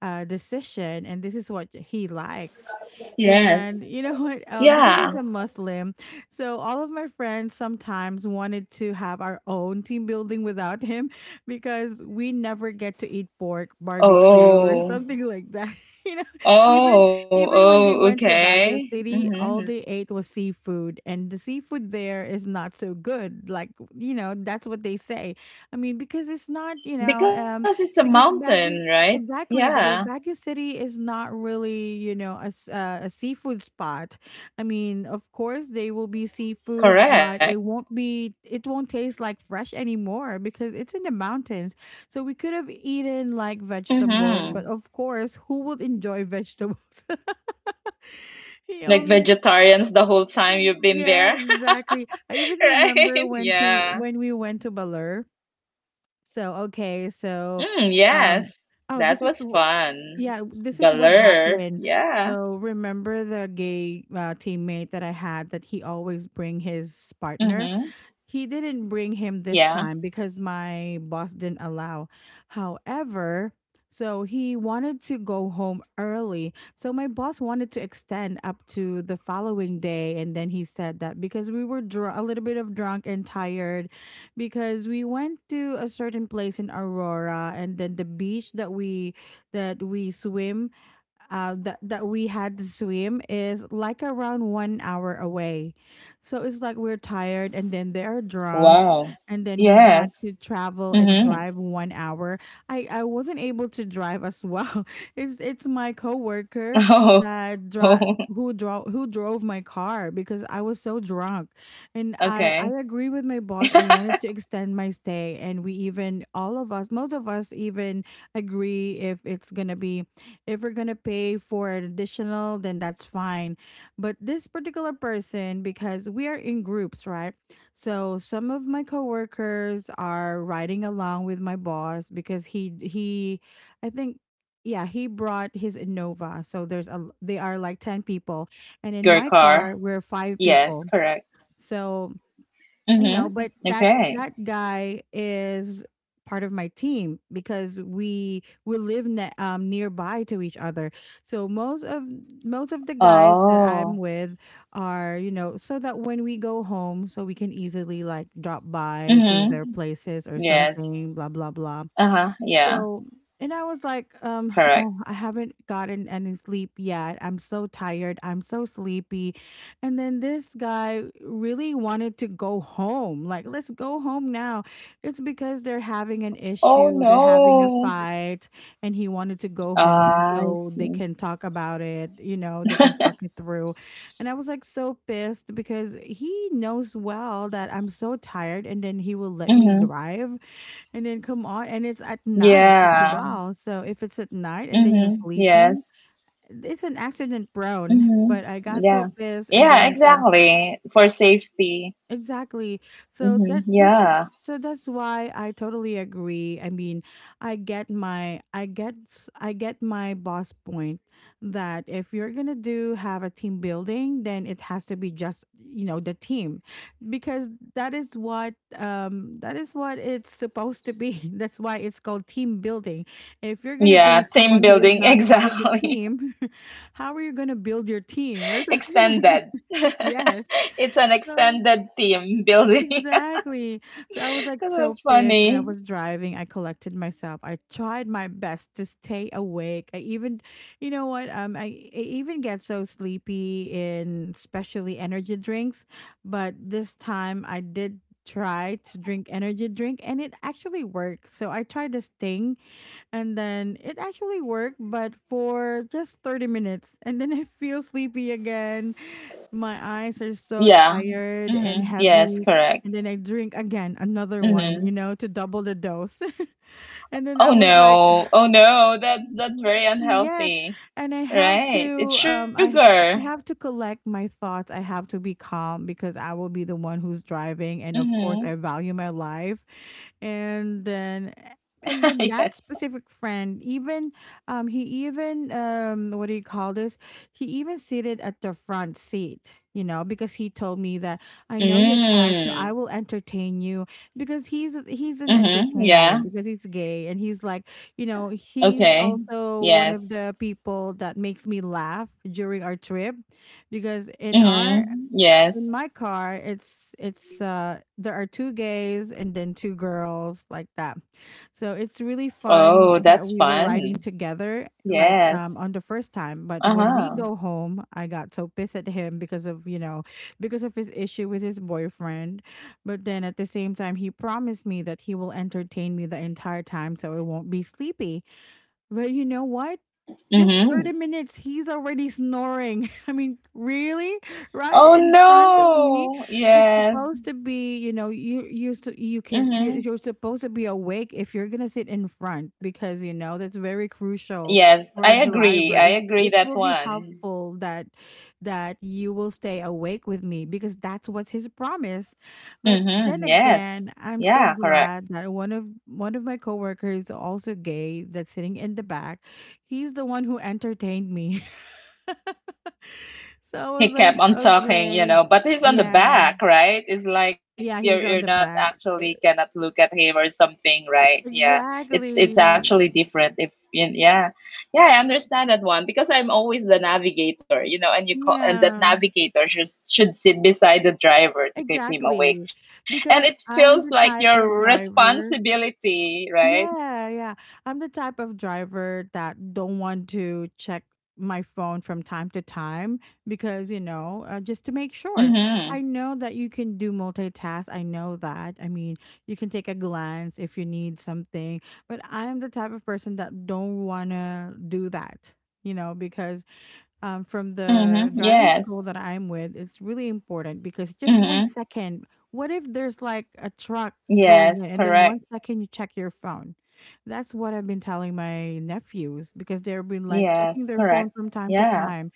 A: uh, decision, and this is what he likes, and
B: Yes.
A: you know what, because he's a
B: Yeah.
A: muslim, so all of my friends sometimes wanted to have our own team building without him, because we never get to eat pork barbecue or something
B: Oh.
A: like that, you know. even
B: Oh,
A: Even when they
B: oh,
A: went to baguio
B: okay.
A: city, all they
B: Mm-hmm.
A: ate was seafood, and the seafood there is not so good, like, you know, that's what they say. I mean, because it's not, you know,
B: Because it's a
A: because baguio.
B: mountain, right?
A: Exactly, because
B: Yeah,
A: Baguio City is not really, you know, a, a seafood spot. I mean, of course, they will be seafood, but
B: correct.
A: it won't
B: Yes.
A: be, it won't taste like fresh anymore because it's in the mountains. So we could have eaten like vegetables, but
B: Mm-hmm.
A: of course, who would enjoy vegetables? he
B: Like
A: only,
B: vegetarians the whole time you've been
A: yeah,
B: there,
A: exactly. I even
B: right?
A: remember
B: Yeah.
A: when we went to Balur. So, okay, so,
B: Mm,
A: um,
B: yes,
A: oh,
B: that was fun.
A: yeah, this is what
B: Balur,
A: happened.
B: yeah.
A: So remember the gay, teammate that I had, that he always bring his partner?
B: Mm-hmm.
A: He didn't bring him this
B: Yeah.
A: time because my boss didn't allow. However, so he wanted to go home early. So my boss wanted to extend up to the following day, and then he said that because we were, a little bit of drunk and tired, because we went to a certain place in Aurora, and then the beach that we swim that we had to swim is like around 1 hour away. So it's like we're tired and then they're drunk,
B: Wow.
A: and then we had
B: Yes.
A: to travel and
B: Mm-hmm.
A: drive 1 hour. I wasn't able to drive as well. It's my coworker
B: Oh,
A: that dri- who drove my car because I was so drunk, and I
B: okay.
A: agree with my boss. I wanted to extend my stay, and we even, all of us most of us, even agree if it's gonna be, if we're gonna pay for an additional, then that's fine. But this particular person, because we are in groups, right, so some of my coworkers are riding along with my boss, because he, I think, yeah, he brought his innova, so there's a, they are like 10 people,
B: Oh,
A: and in
B: bigger
A: my
B: car.
A: car we're five
B: Yes,
A: people.
B: correct.
A: So you know,
B: Mm-hmm.
A: but that
B: Okay.
A: that guy is part of my team because we live nearby to each other. So most of the guys that I'm
B: Oh.
A: with are, you know, so that when we go home, so we can easily like drop by to their
B: Mm-hmm.
A: places or
B: Yes.
A: something, blah blah blah.
B: Uh-huh. Yeah,
A: So, and I was like,
B: correct.
A: oh, I haven't gotten any sleep yet. I'm so tired. I'm so sleepy. And then this guy really wanted to go home. Like, let's go home now. It's because they're having an
B: Oh
A: issue, they're having a
B: no.
A: fight, and he wanted to go home
B: Ah, I
A: so they
B: see.
A: can talk about it, you know, they can talk it through. And I was like so pissed because he knows well that I'm so tired, and then he will let me
B: Mm-hmm.
A: drive, and then come on, and it's at night as
B: Yeah.
A: well. So if it's at night and then you're
B: Mm-hmm.
A: sleepy,
B: Yes.
A: it's an accident prone.
B: hmm
A: But I got
B: Yeah.
A: so pissed, and
B: Yeah,
A: then I said,
B: exactly. For safety.
A: exactly. So that this is
B: Yeah.
A: so that's why I totally agree. I mean, I get my boss point, that if you're going to do have a team building, then it has to be just, you know, the team, because
B: hmm
A: that is what it's supposed to be. That's why it's called team building. If you're going to
B: Yeah.
A: bring
B: Team
A: someone who is
B: building,
A: not part of the
B: exactly.
A: team, how are you going to build your team, or something like
B: Extended.
A: that? Yes.
B: It's an
A: So,
B: extended team building.
A: exactly. So I was like
B: That
A: so
B: was
A: pissed, and I
B: funny.
A: was driving. I collected myself. I tried my best to stay awake. I even, you know what? I even get so sleepy in, especially energy drinks, but this time I did try to drink energy drink and it actually worked. So I tried this thing, and then it actually worked, but for just 30 minutes, and then I feel sleepy again. My eyes
B: Yeah.
A: are so tired
B: Yes,
A: and
B: correct.
A: heavy. And then I drink again
B: hmm
A: another one, you know, to double the dose. And then
B: Oh
A: I was like,
B: no. Oh no. That's very
A: yes,
B: unhealthy.
A: and I have
B: Right. It's
A: to,
B: sugar.
A: I have to collect my thoughts. I have to be calm because I will be the one who's driving, and of course
B: hmm
A: I value my life. And then and then that
B: Yes.
A: specific friend even, he even, what do you call this? He even seated at the front seat, you know, because he told me that I know you're tired, so
B: Mm.
A: I will entertain you, because he's an entertainer
B: Yeah.
A: because he's gay, and he's like, you know,
B: Okay.
A: he's
B: Yes.
A: also one of the people that makes me laugh during our trip. Because
B: Mm-hmm.
A: in
B: Yes.
A: my car, it's there are two gays and then two girls, like that. So it's really
B: Oh,
A: fun that
B: that's
A: we were riding
B: fun.
A: together, like,
B: Yes.
A: on the first time. But when we
B: Uh-huh.
A: go home, I got so pissed at him because of, you know, because of his issue with his boyfriend. But then at the same time, he promised me that he will entertain me the entire time so I won't be sleepy. But you know what? Just
B: Mm-hmm.
A: 30 minutes, he's already snoring. I mean, really? Right
B: Oh
A: in front of me?
B: no.
A: It's
B: Yes.
A: supposed to be, you know,
B: Mm-hmm.
A: you're supposed to be awake if you're going to sit in front, because, you know, that's very crucial
B: Yes,
A: for a
B: I agree.
A: driver.
B: I agree
A: It
B: that
A: will be
B: one.
A: helpful that,
B: Yes.
A: that you will stay awake with me, because that's what's his promise. But then
B: Mm-hmm. Yes.
A: again, I'm so
B: Yeah, correct.
A: glad that one of my coworkers, also gay, that's sitting in the back. He's the one who entertained me. So I
B: He
A: was like,
B: kept on talking, you
A: okay.
B: know, but he's on the
A: Yeah.
B: back, right? It's like you're
A: Yeah,
B: you're
A: he's on
B: not
A: the back.
B: actually
A: E-
B: cannot look at him or something, right? Yeah. It's
A: Exactly.
B: it's actually different if you, yeah. Yeah, I understand that one because I'm always the navigator, you know, and you call, and that
A: Yeah.
B: navigator should sit beside the driver to keep him awake.
A: Exactly.
B: And it
A: Because
B: feels like
A: I'm the
B: your
A: type of driver,
B: responsibility, right?
A: Yeah, yeah. I'm the type of driver that don't want to check my phone from time to time because, you know, just to make sure.
B: Mm-hmm.
A: I know that you can do multitask. I know that. I mean, you can take a glance if you need something, but I'm the type of person that don't want to do that, you know, because, from
B: Mm-hmm.
A: the driving school
B: Yes.
A: that I'm with, it's really important because just one
B: Mm-hmm.
A: second, what if there's like a truck going in,
B: Yes,
A: and then one
B: correct.
A: second you check your phone? That's what I've been telling my nephews because they've been like checking their
B: Yes,
A: phone
B: correct.
A: from time to
B: Yeah.
A: time.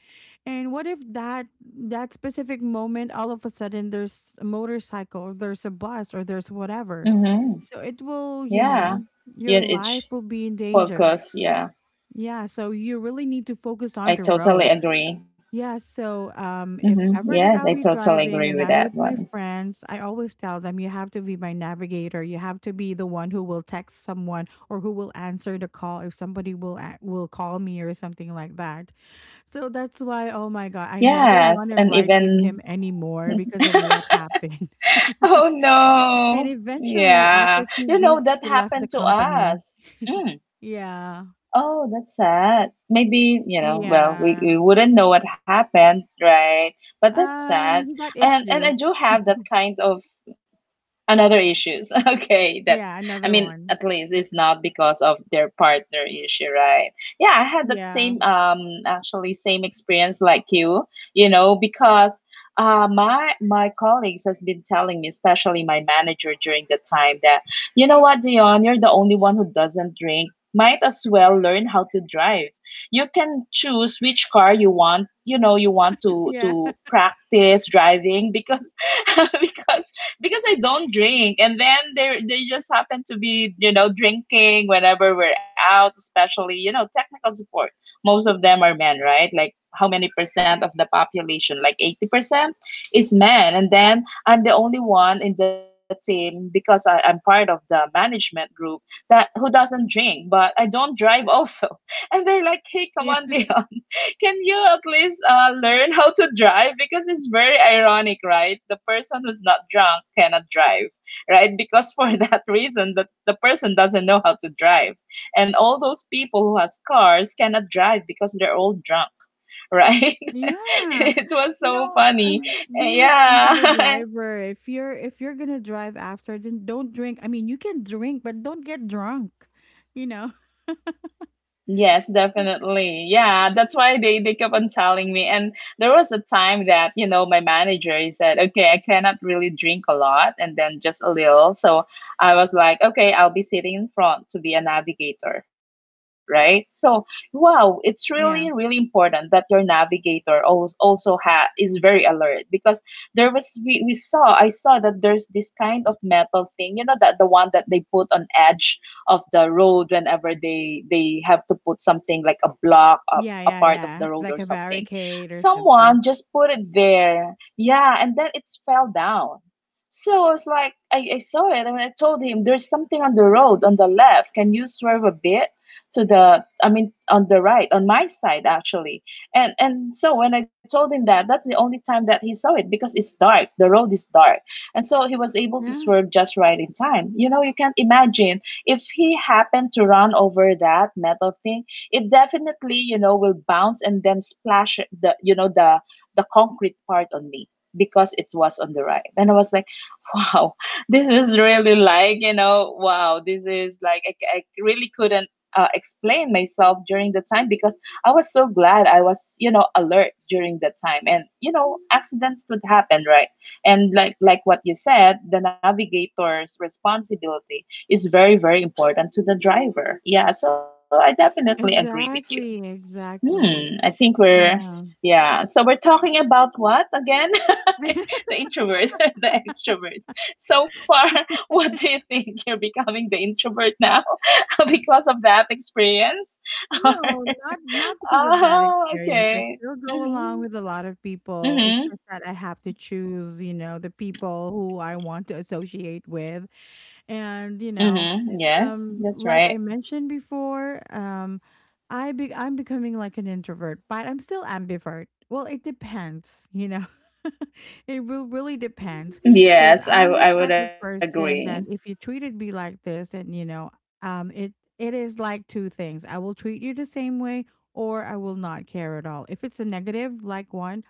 A: And what if that specific moment, all of a sudden there's a motorcycle or there's a bus or there's whatever.
B: Mm-hmm.
A: So it will, you know,
B: Yeah,
A: your
B: yeah,
A: life
B: it's
A: will be in danger.
B: focus. Yeah,
A: Yeah, so you really need to focus on the
B: I
A: road,
B: totally agree.
A: yeah, so, if
B: Mmhmm,
A: ever that
B: yes,
A: I'll
B: I
A: be
B: totally
A: driving
B: agree
A: and
B: with
A: I'm
B: that
A: with my
B: one.
A: friends, I always tell them you have to be my navigator. You have to be the one who will text someone or who will answer the call if somebody will call me or something like that. So that's why, oh my God, I never want
B: Yes
A: to
B: and
A: ride with him
B: even
A: anymore because of what happened.
B: oh
A: And
B: no.
A: eventually,
B: Yeah,
A: after two
B: you know
A: weeks,
B: that
A: he left the
B: happened to
A: company.
B: us.
A: Yeah,
B: Oh, that's sad. Maybe, you know, well, we,
A: yeah.
B: we wouldn't know what happened, right, but that's sad.
A: He got
B: And I
A: issues.
B: do have that kind of another issues. Okay,
A: Yeah,
B: that's, I
A: another
B: mean,
A: one.
B: at least
A: But
B: it's not because of their partner issue, right? Yeah, I had that
A: yeah.
B: same, actually same experience like you, because my colleagues has been telling me, especially my manager during the time that, you know what, Dion, you're the only one who doesn't drink. Might as well learn how to drive. You can choose which car you want, you know, you want to
A: Yeah,
B: to practice driving because because because I don't drink, and then they just happen to be, you know, drinking whenever we're out, especially, you know, technical support. Most of them are men, right? Like how many percent of the population, like 80% is men. And then I'm the only one in the team because I'm part of the management group that who doesn't drink, but I don't drive also. And they're like, hey, come
A: yeah,
B: on, Dion, can you at least learn how to drive? Because it's very ironic, right? The person who's not drunk cannot drive, right? Because for that reason, that the person doesn't know how to drive. And all those people who has cars cannot drive because they're all drunk. Right?
A: yeah.
B: It was so funny.
A: Be responsible
B: Yeah.
A: driver. If you're gonna drive after, then don't drink. I mean, you can drink, but don't get drunk. You know.
B: Yes, definitely. Yeah, that's why they kept on telling me. And there was a time that, you know, my manager he said, "Okay, I cannot really drink a lot and then just a little." So I was like, "Okay, I'll be sitting in front to be a navigator, right?" So wow, it's
A: Yeah,
B: really, really important that your navigator al- also ha is very alert. Because there was we saw I saw that there's this kind of metal thing, you know, that the one that they put on edge of the road whenever they have to put something like a block up
A: yeah,
B: a
A: yeah,
B: part of
A: yeah.
B: the road
A: Like
B: or
A: a
B: something.
A: barricade or something.
B: Someone just put it there. Yeah, and then it's fell down. So I was like, I saw it, and I told him there's something on the road on the left. Can you swerve a bit to the, I mean, on the right, on my side actually. And so when I told him that, that's the only time that he saw it because it's dark. The road is dark, and so he was able to
A: Yeah,
B: swerve just right in time. You know, you can't imagine if he happened to run over that metal thing. It definitely, you know, will bounce and then splash the, you know, the concrete part on me because it was on the right. And I was like, wow, this is really like, you know, wow, this is like, I really couldn't explain myself during the time because I was so glad I was, you know, alert during that time. And, you know, accidents could happen, right? And like what you said, the navigator's responsibility is very, very important to the driver. Yeah, so I definitely agree with you.
A: exactly,
B: Hmm,
A: exactly.
B: I think we're,
A: Yeah.
B: yeah. So we're talking about what again? The introvert, the extrovert. So far, what do you think? You're becoming the introvert now because of that experience? Or,
A: No, not because of that
B: oh,
A: experience. I
B: okay.
A: still go along
B: Mm-hmm.
A: with a lot of people. It's
B: Mm-hmm.
A: just that I have to choose, you know, the people who I want to associate with. And, you know,
B: Mm-hmm. Yes, that's
A: like
B: right.
A: I mentioned before, I'm becoming like an introvert, but I'm still ambivert. Well, it depends, you know. It will really depends because
B: Yes,
A: I'm this
B: I would
A: type of
B: agree.
A: person that if you treated me like this, then um, it it is like two things. I will treat you the same way, or I will not care at all. If it's a negative, like one,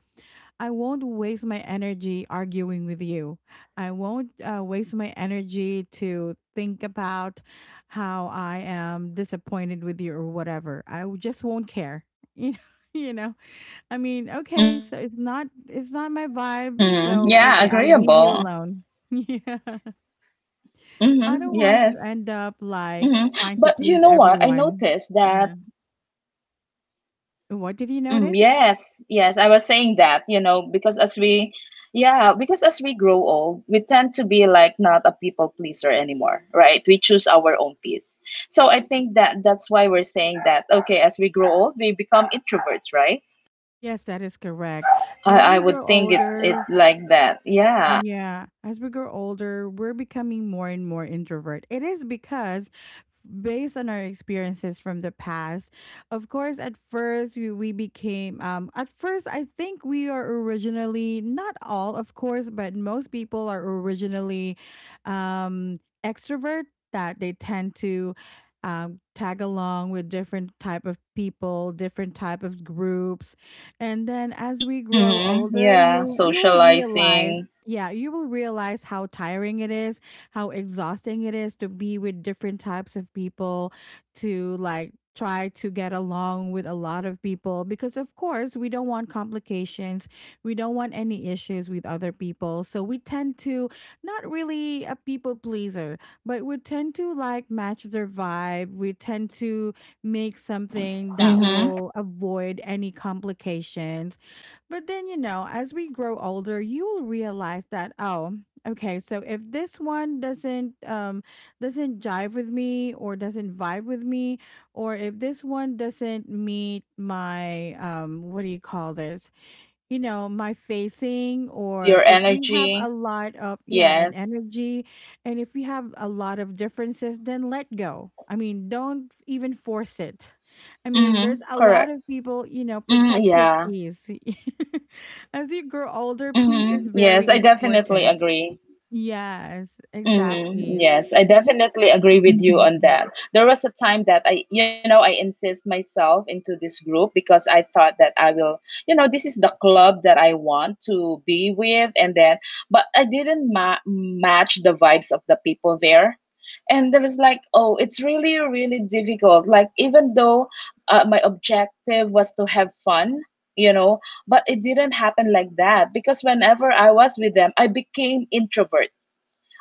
A: I won't waste my energy arguing with you. I won't waste my energy to think about how I am disappointed with you or whatever. Just won't care. You know, you know. I mean, okay, so
B: Mm,
A: it's not
B: yeah,
A: it's not my
B: agreeable.
A: vibe, so okay, I'll leave you alone. Yeah.
B: Mm-hmm. Yes.
A: I don't
B: Mm-hmm.
A: want to end
B: But you
A: up
B: know what? I
A: like trying
B: noticed
A: to please
B: that
A: everyone. Yeah.
B: mm,
A: What did
B: yes,
A: you
B: yes, I
A: notice?
B: was saying that, you know, because yeah, because as we grow old, we tend to be like not a people pleaser anymore, right? We choose our own peace. So I think that's why we're saying that, okay, as we grow old, we become introverts, right?
A: Yes, that is correct.
B: I,
A: As
B: I
A: we
B: would
A: grow
B: think
A: older,
B: it's like that. Yeah.
A: yeah, as we grow older, we're becoming more and more introvert. It is because based on our experiences from the past, of course, at first we became at first I think we are originally not all, of course, but most people are originally um extrovert, that they tend to tag along with different type of people, different type of groups. And then as we grow
B: Mm-hmm.
A: older,
B: Yeah,
A: you'll realize,
B: socializing.
A: yeah, you will realize how tiring it is, how exhausting it is to be with different types of people, to like try to get along with a lot of people. Because, of course, we don't want complications. We don't want any issues with other people. So, we tend to not really a people pleaser, but we tend to like match their vibe. We tend to make something that
B: Mm-hmm.
A: will avoid any complications. But then, you know, as we grow older, you will realize that, oh, okay, so if this one doesn't jive with me or doesn't vibe with me, or if this one doesn't meet my what do you call this? You know, my facing, or
B: Your
A: if we have a
B: energy.
A: lot of, yeah, and
B: Yes.
A: energy, and if we have a lot of differences, then let go. I mean, don't even force it. I
B: Mm-hmm.
A: mean, there's a
B: Correct.
A: lot of people, you know,
B: Mm,
A: protect your
B: yeah.
A: peace. As you grow older, peace is
B: Mm-hmm.
A: very
B: Yes, I definitely
A: important.
B: agree.
A: Yes,
B: Mm-hmm.
A: exactly.
B: Yes, I definitely agree with you on that. There was a time that I, you know, I insist myself into this group because I thought that I will, you know, this is the club that I want to be with, and then, but I didn't ma match the vibes of the people there. And there was like, oh, it's really, really difficult. Like, even though my objective was to have fun, you know, but it didn't happen like that because whenever I was with them, I became introvert.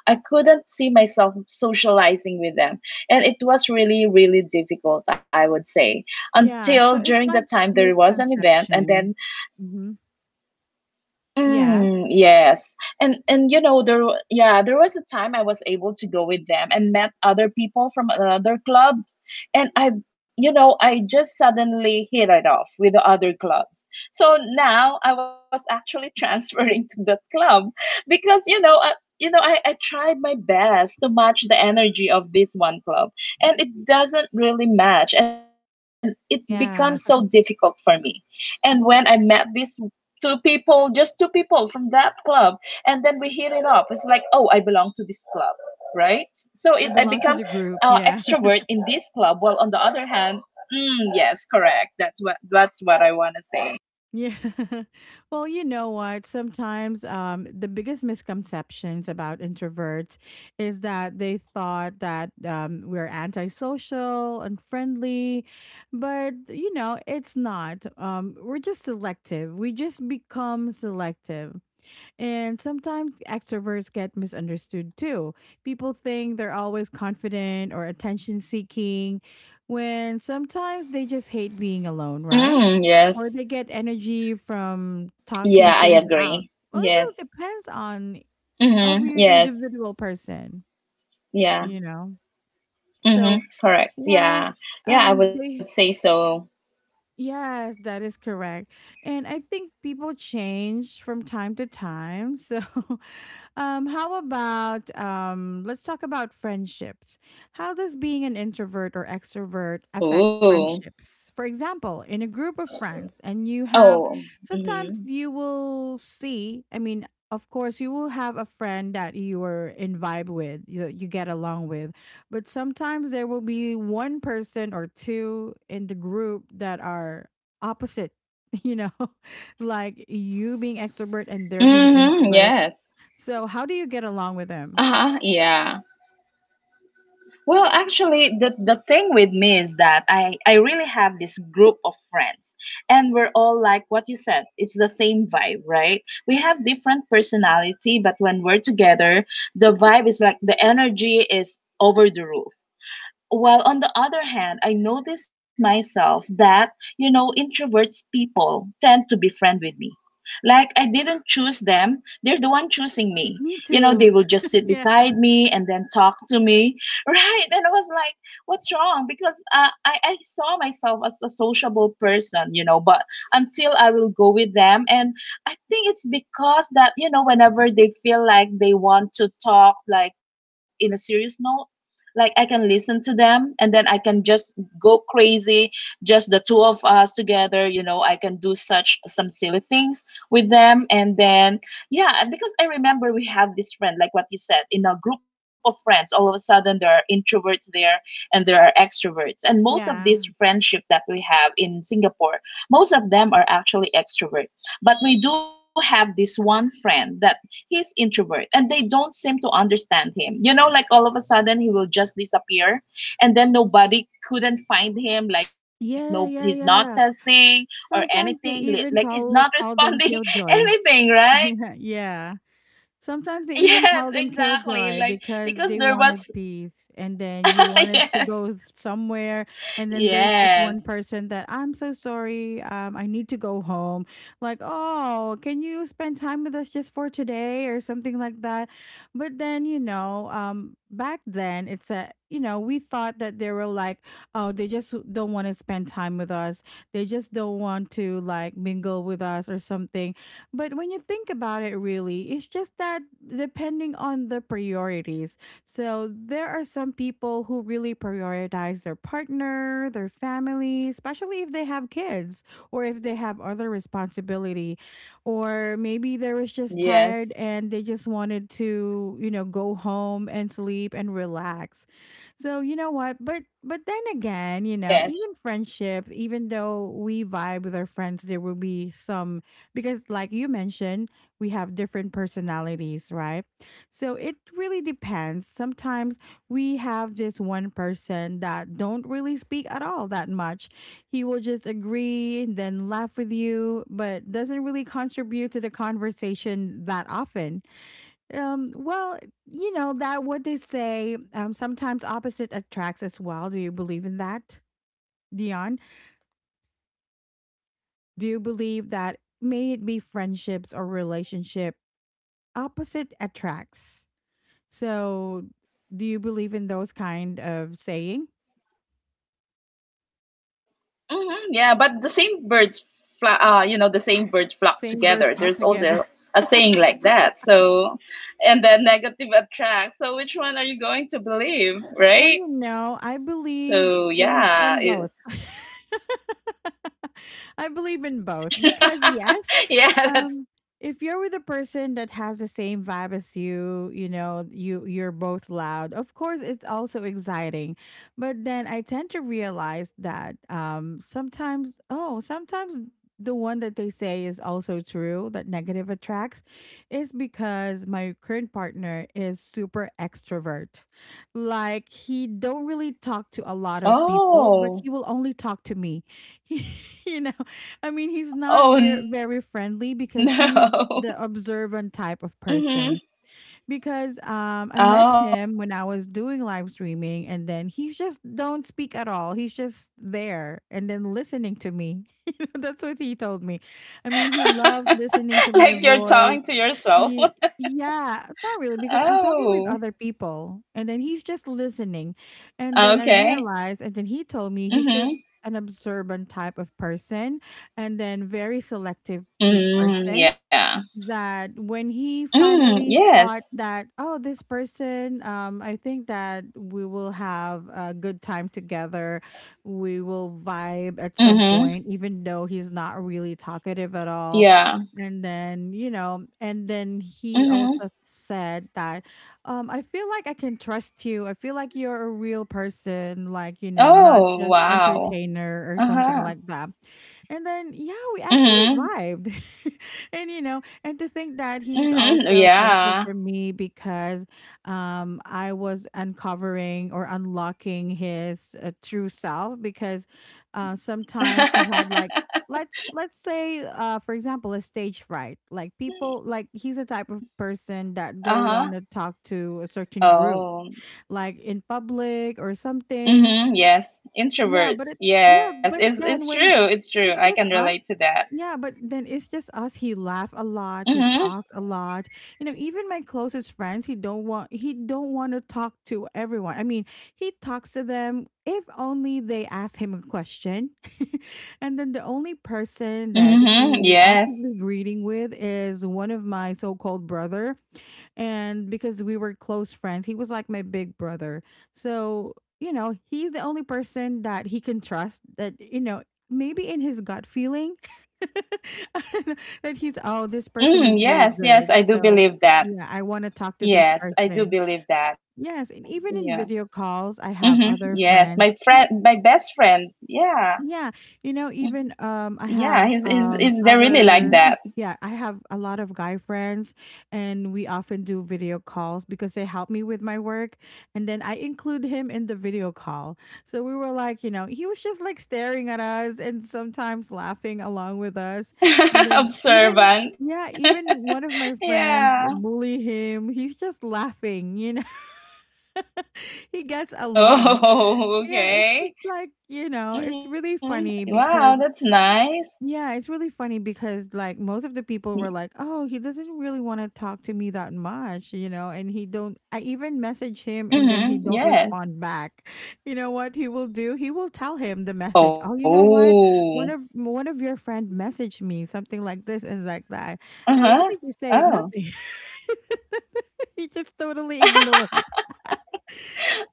B: I couldn't see myself socializing with them. And it was really, really difficult, I would say,
A: Yeah,
B: until
A: so
B: during the
A: it's like
B: time there was an event, and then
A: misconception. hmm Yes,
B: mm, yes. And you know there yeah, there was a time I was able to go with them and met other people from another club. And I, you know, I just suddenly hit it off with the other clubs. So now I was actually transferring to that club because you know, I tried my best to match the energy of this one club, and it doesn't really match, and it becomes so
A: yeah.
B: difficult for me. And when I met this two people, just two people from that club, and then we hit it up. It's like, oh, I belong to this club, right? So it I
A: I
B: become
A: belong to the group. Yeah.
B: extrovert in this club, while on the other hand, mm, yes, correct. That's what I want to say.
A: Yeah. Well, you know what? Sometimes the biggest misconceptions about introverts is that they thought that we're antisocial, unfriendly, but you know, it's not. We're just selective. We just become selective. And sometimes extroverts get misunderstood too. People think they're always confident or attention seeking when sometimes they just hate being alone, right?
B: Mm,
A: Or
B: yes.
A: they get energy from talking
B: Yeah, I
A: things out.
B: agree.
A: Well, it really
B: Yes.
A: depends on
B: Mm-hmm.
A: every
B: Yes.
A: individual person,
B: Yeah.
A: you know? So,
B: Mm-hmm. Correct.
A: well,
B: Yeah. Yeah, I would say
A: they
B: so.
A: yes, that is correct. And I think people change from time to time. So, how about let's talk about friendships. How does being an introvert or extrovert affect
B: Ooh.
A: friendships? For example, in a group of friends, and you have
B: Oh.
A: sometimes
B: Mm-hmm.
A: you will see, I mean, of course, you will have a friend that you are in vibe with, you get along with, but sometimes there will be one person or two in the group that are opposite, you know, like you being extrovert and they're being
B: Mm-hmm.
A: introvert.
B: Yes.
A: So, how do you get along with them?
B: Uh-huh. Yeah. Well, actually, the thing with me is that I really have this group of friends, and we're all like what you said. It's the same vibe, right? We have different personality, but when we're together, the vibe is like the energy is over the roof. While on the other hand, I noticed myself that, you know, introverts people tend to be friend with me. Like I didn't choose them, they're the one choosing me.
A: Me
B: You know, they
A: too.
B: will just sit
A: Yeah.
B: beside me and then talk to me, right? And I was like, what's wrong? Because I saw myself as a sociable person, you know, but until I will go with them. And I think it's because that, you know, whenever they feel like they want to talk, like in a serious note, like I can listen to them and then I can just go crazy, just the two of us together, you know, I can do such some silly things with them, and then yeah, because I remember we have this friend, like what you said, in a group of friends, all of a sudden there are introverts there and there are extroverts. And most
A: Yeah.
B: of this friendship that we have in Singapore, most of them are actually extrovert. But we do have this one friend that he's introvert, and they don't seem to understand him. You know, like all of a sudden he will just disappear, and then nobody couldn't find him, like no,
A: Yeah,
B: he's
A: yeah,
B: not
A: yeah.
B: testing or
A: Sometimes they
B: anything,
A: even
B: like he's
A: call
B: not
A: call them
B: responding
A: killjoy.
B: anything, right?
A: Yeah. Sometimes they even call
B: Yes,
A: them killjoy
B: exactly. Like
A: because they
B: because there
A: wanted
B: was
A: peace and then you wanted to go
B: yes.
A: somewhere. And then there's this one person
B: Yes.
A: that, I'm so sorry, I need to go home, like, oh, can you spend time with us just for today or something like that. But then, you know, back then, it's a, you know, we thought that they were like, oh, they just don't want to spend time with us, they just don't want to like mingle with us or something. But when you think about it, really, it's just that depending on the priorities. So there are some people who really prioritize their partner, their family, especially if they have kids or if they have other responsibility. Or maybe they was just tired and they
B: Yes,
A: just wanted to, you know, go home and sleep and relax. So you know what? But then again, you know, even
B: yes,
A: friendships, even though we vibe with our friends, there will be some because like you mentioned, we have different personalities, right? So it really depends. Sometimes we
B: correct,
A: have this one person that don't really speak at all that much. He will just agree then laugh with you but doesn't really contribute to the conversation that often. um well you know, that what they say, sometimes opposite attracts as well. Do you believe in that, Dion? Do you believe
B: definitely.
A: that, may it be friendships or relationship, opposite attracts. So, do you believe in those
B: Yes.
A: kind of saying?
B: Hmm, yeah, but the same birds fly, you know, the same birds flock
A: Same birds
B: together.
A: flock
B: There's
A: together.
B: also a saying like that. So, and then negative attracts. So, which one are you going to believe,
A: Well,
B: right?
A: you know, I believe
B: So,
A: in
B: yeah,
A: in
B: it,
A: both. I believe in both because yes,
B: yeah, that's
A: um,
B: why you're in
A: if
B: the
A: you're with
B: in
A: a person
B: between.
A: that has the same vibe as you, you know, you you're both loud. Of course, it's also exciting, but then I tend to realize that, sometimes, oh, sometimes the one that they say is also true, that negative attracts, is because my current partner is super extrovert. Like he don't really talk to a lot of people but
B: Oh,
A: he will only talk to me. He, you know, I mean, he's not very friendly
B: oh
A: because he's the
B: no.
A: observant type of person,
B: Hmm.
A: because I met him
B: Oh,
A: when I was
B: yeah.
A: doing live streaming and then he just don't speak at all. He's just there and then listening to me. You know, that's what he told me. I mean, he loves listening to my
B: Like you're talking
A: voice.
B: to yourself.
A: Ye- yeah, not really, because I'm talking with
B: Oh,
A: other people and then he's just listening. And then I
B: okay.
A: realized, and then he told me he's
B: Mm-hmm.
A: just an observant type of person, and then very selective
B: Mm,
A: person,
B: yeah.
A: that when he
B: Mm,
A: finally
B: yes.
A: thought that, oh, this person, I think that we will have a good time together, we will vibe at some
B: Mm-hmm.
A: point, even though he's not really talkative at all.
B: Yeah.
A: And then, you know, and then he
B: Mm-hmm.
A: also said that, I feel like I can trust you, I feel like you're a real person, like, you know, not
B: Oh,
A: just
B: wow.
A: entertainer or something
B: Uh-huh.
A: like that. And then yeah, we actually
B: Mm-hmm.
A: vibed. And you know, and to think that he's
B: Mm-hmm.
A: also thankful for
B: Yeah.
A: me because, I was uncovering or unlocking his true self, because sometimes he had like, let's say for example, a stage fright, like people, like, he's a type of person that don't
B: Uh-huh.
A: want to talk to a certain group
B: Oh.
A: like in public or something.
B: Mm-hmm. Yes.
A: yeah, but
B: Introverts.
A: it
B: Yes.
A: yeah, but
B: It's true. It's true. I can
A: it's just
B: relate to
A: us,
B: that.
A: yeah, but then it's just us. He laugh a lot,
B: Mm-hmm.
A: he talks a lot. You know, even my closest friends, he don't want to talk to everyone. I mean, he talks to them if only they ask him a question. And then the only person that
B: Mm-hmm.
A: he
B: Yes.
A: actively greeting with is one of my so-called brother. And because we were close friends, he was like my big brother. So, you know, he's the only person that he can trust, that, you know, maybe in his gut feeling, I don't know, that he's, oh, this person is
B: Mm,
A: really
B: yes, yes,
A: good.
B: I do
A: So
B: believe that.
A: yeah, I want to talk to this
B: Yes, I do
A: person.
B: believe that.
A: Yes.
B: Yeah.
A: And even in video calls,
B: Mm-hmm.
A: I have
B: Yes, my
A: other
B: friend,
A: friends.
B: my best friend. Yeah,
A: Yeah, you know, even
B: yeah,
A: I
B: he's
A: have
B: he's he's they're really like that.
A: other, yeah, I have a lot of guy friends, and we often do video calls because they help me with my work, and then I include him in the video call. So we were like, you know, he was just like staring at us and sometimes laughing along with us. And then even
B: Observant.
A: Yeah, even one of my
B: Yeah.
A: friends bully him. He's just laughing. He gets along.
B: Oh,
A: Yeah, it's just
B: okay.
A: like, it's really
B: Hmm.
A: funny
B: Wow,
A: because
B: that's nice.
A: yeah, it's really funny because like most of the people were like, "Oh, he doesn't really want to talk to me that much," and he don't I even message him and then he don't
B: Hmm.
A: respond
B: Yes.
A: back. You know what he will do? He will tell him the message. "Oh, you know what? One
B: Oh.
A: of one of your friend messaged me something like this and like that." And what
B: Uh-huh.
A: did you say?
B: Oh.
A: Nothing. He just totally ignored.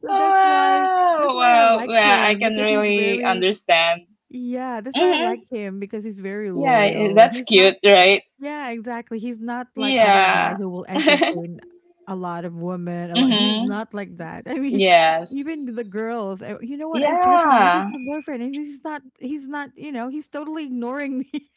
A: so that's why that's
B: Wow.
A: why I
B: Wow.
A: like
B: Yeah, I
A: him
B: can
A: because he's
B: really
A: very
B: understand.
A: Yeah, that's why I
B: Hmm.
A: like him because he's very
B: Yeah,
A: loyal.
B: that's
A: He's not,
B: cute, right?
A: Yeah, exactly. He's not like other
B: Yeah.
A: guy who will entertain a lot of women. A lot. He's
B: Hmm.
A: not like that. I mean,
B: Yes.
A: even the girls. You know what? I tried to message your
B: Yeah.
A: boyfriend, and he's not. He's not. You know, he's totally ignoring me.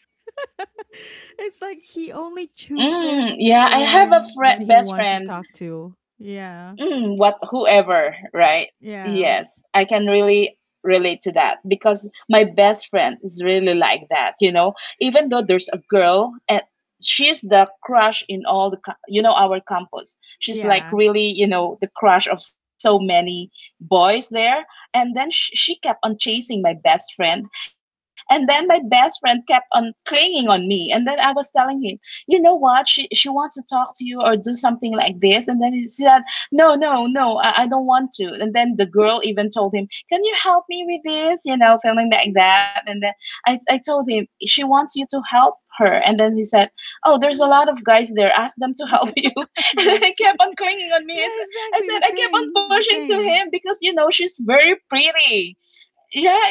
A: It's like he only chooses
B: Mm,
A: the
B: yeah, I have a
A: one that
B: friend,
A: he
B: best
A: wants to
B: friend,
A: talk to. Yeah,
B: mm, what whoever, right?
A: yeah,
B: Yes, I can really relate to that because my best friend is really like that, you know. Even though there's a girl, and she's the crush in all the you know our campus, she's
A: yeah.
B: like really, you know, the crush of so many boys there. And then she kept on chasing my best friend, and then my best friend kept on clinging on me, and then I was telling him, you know what, she wants to talk to you or do something like this. And then he said, no, I don't want to. And then the girl even told him, can you help me with this, you know, feeling like that. And then I told him, she wants you to help her. And then he said, oh, there's a lot of guys there. Ask them to help you.
A: Exactly.
B: And he kept on clinging
A: Yeah,
B: on me. It's,
A: exactly the
B: I said,
A: same.
B: I
A: He's
B: kept
A: the
B: on pushing to
A: same.
B: him because, you know, she's very pretty.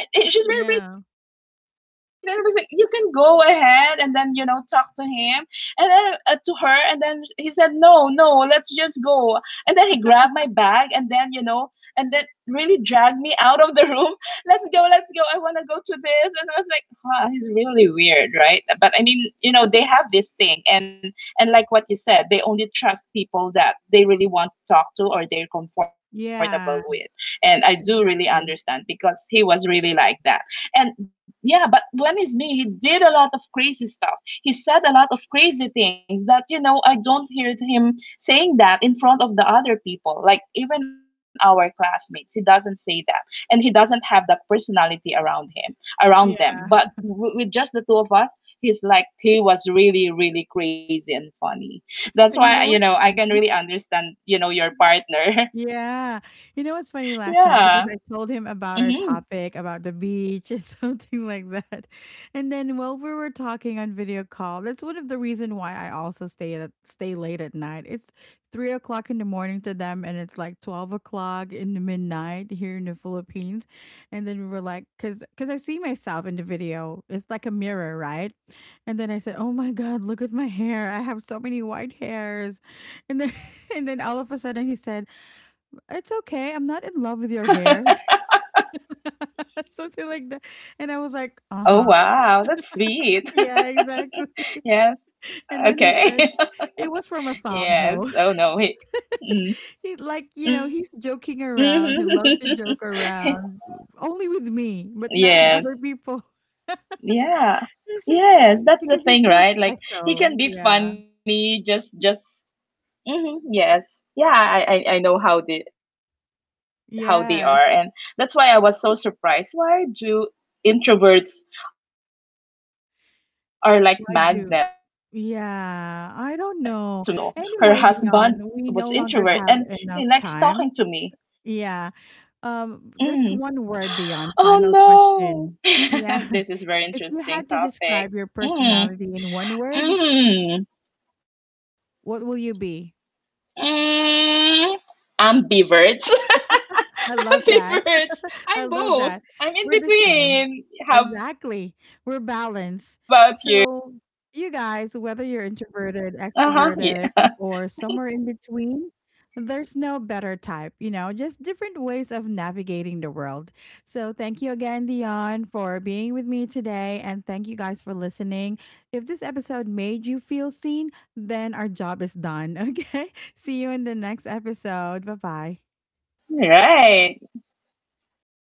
B: Yeah, it,
A: Yeah.
B: she's very pretty. Then it was like, you can go ahead and then, you know, talk to him and then to her. And then he said, no, no, let's just go. And then he grabbed my bag, and then, you know, and then really dragged me out of the room. Let's go, let's go. I want to go to this. And I was like, huh, he's really weird, right? But I mean, you know, they have this thing. And like what you said, they only trust people that they really want to talk to or they're
A: Yeah,
B: comfortable with. And I do
A: exactly.
B: really understand because he was really like that. And yeah, but when it's me, he did a lot of crazy stuff. He said a lot of crazy things that you know I don't hear him saying that in front of the other people. Like even our classmates, he doesn't say that, and he doesn't have that personality around
A: Yeah,
B: him, around them. But with just the two of us, he's like he was really, really crazy and
A: you know what's
B: funny.
A: funny?
B: That's why you know I can really understand you know
A: Yeah.
B: your
A: You know what's
B: partner.
A: funny last night? Because I
B: yeah.
A: told him about our topic
B: Hmm.
A: about the beach and something like that. And then while we were talking on video call, that's one of the reason why I also stay late at night. It's 3 o'clock in the morning to them and it's like 12 o'clock in the midnight here in the Philippines. And then we were like, cause I see myself in the video. It's like a mirror, right? And then I said, "Oh my God, look at my hair. I have so many white hairs." And then and then all of a sudden he said, "It's okay, I'm not in love with your hair." Something like that, and I was like, "Uh-huh.
B: Oh, wow, that's
A: Yeah,
B: sweet.
A: exactly."
B: Yes.
A: And then he said it was from
B: Okay.
A: a song though.
B: Yes. Oh no.
A: He
B: He,
A: like, he's
B: mm.
A: joking around. He loves to
B: Hmm.
A: joke around only with me, but not in other people.
B: Yes.
A: It's just
B: Yeah.
A: because you feel
B: Yes, that's the
A: special.
B: thing,
A: Yeah.
B: right? Like he can be funny just mhm, yes. Yeah, I know how they
A: Yes,
B: how they are, and that's why I was so surprised. Why do introverts are like magnet to
A: I
B: me? I mean,
A: do.
B: they really like me because
A: Yeah,
B: my
A: I don't
B: my one of
A: know.
B: my best friend
A: Anyway,
B: also,
A: Dion,
B: her
A: we no longer
B: husband
A: have
B: was
A: enough
B: introvert and
A: time.
B: he likes talking to
A: Yeah.
B: me.
A: Just
B: Mm.
A: one word, Dion. Final question.
B: Oh no.
A: Yeah.
B: This is very
A: If you had to
B: interesting
A: describe your
B: topic.
A: personality in
B: Mm.
A: one word,
B: Mm.
A: what will you be?
B: Mm. Ambiverts.
A: I love that.
B: Happy
A: I love
B: birds.
A: that.
B: I'm
A: We're the
B: both.
A: same.
B: I'm in
A: Exactly.
B: between.
A: We're
B: How about
A: balanced.
B: you?
A: So, you guys,
B: Mm,
A: whether you're
B: yeah, I
A: introverted,
B: would say so.
A: extroverted, or
B: Uh-huh.
A: somewhere in
B: Yeah.
A: between, there's no better type, just different ways of navigating the world. So, thank you again, Dion, for being with me today. And thank you guys for listening. If this episode made you feel seen, then our job is done. Okay. See you in the next episode. Bye bye.
B: Right.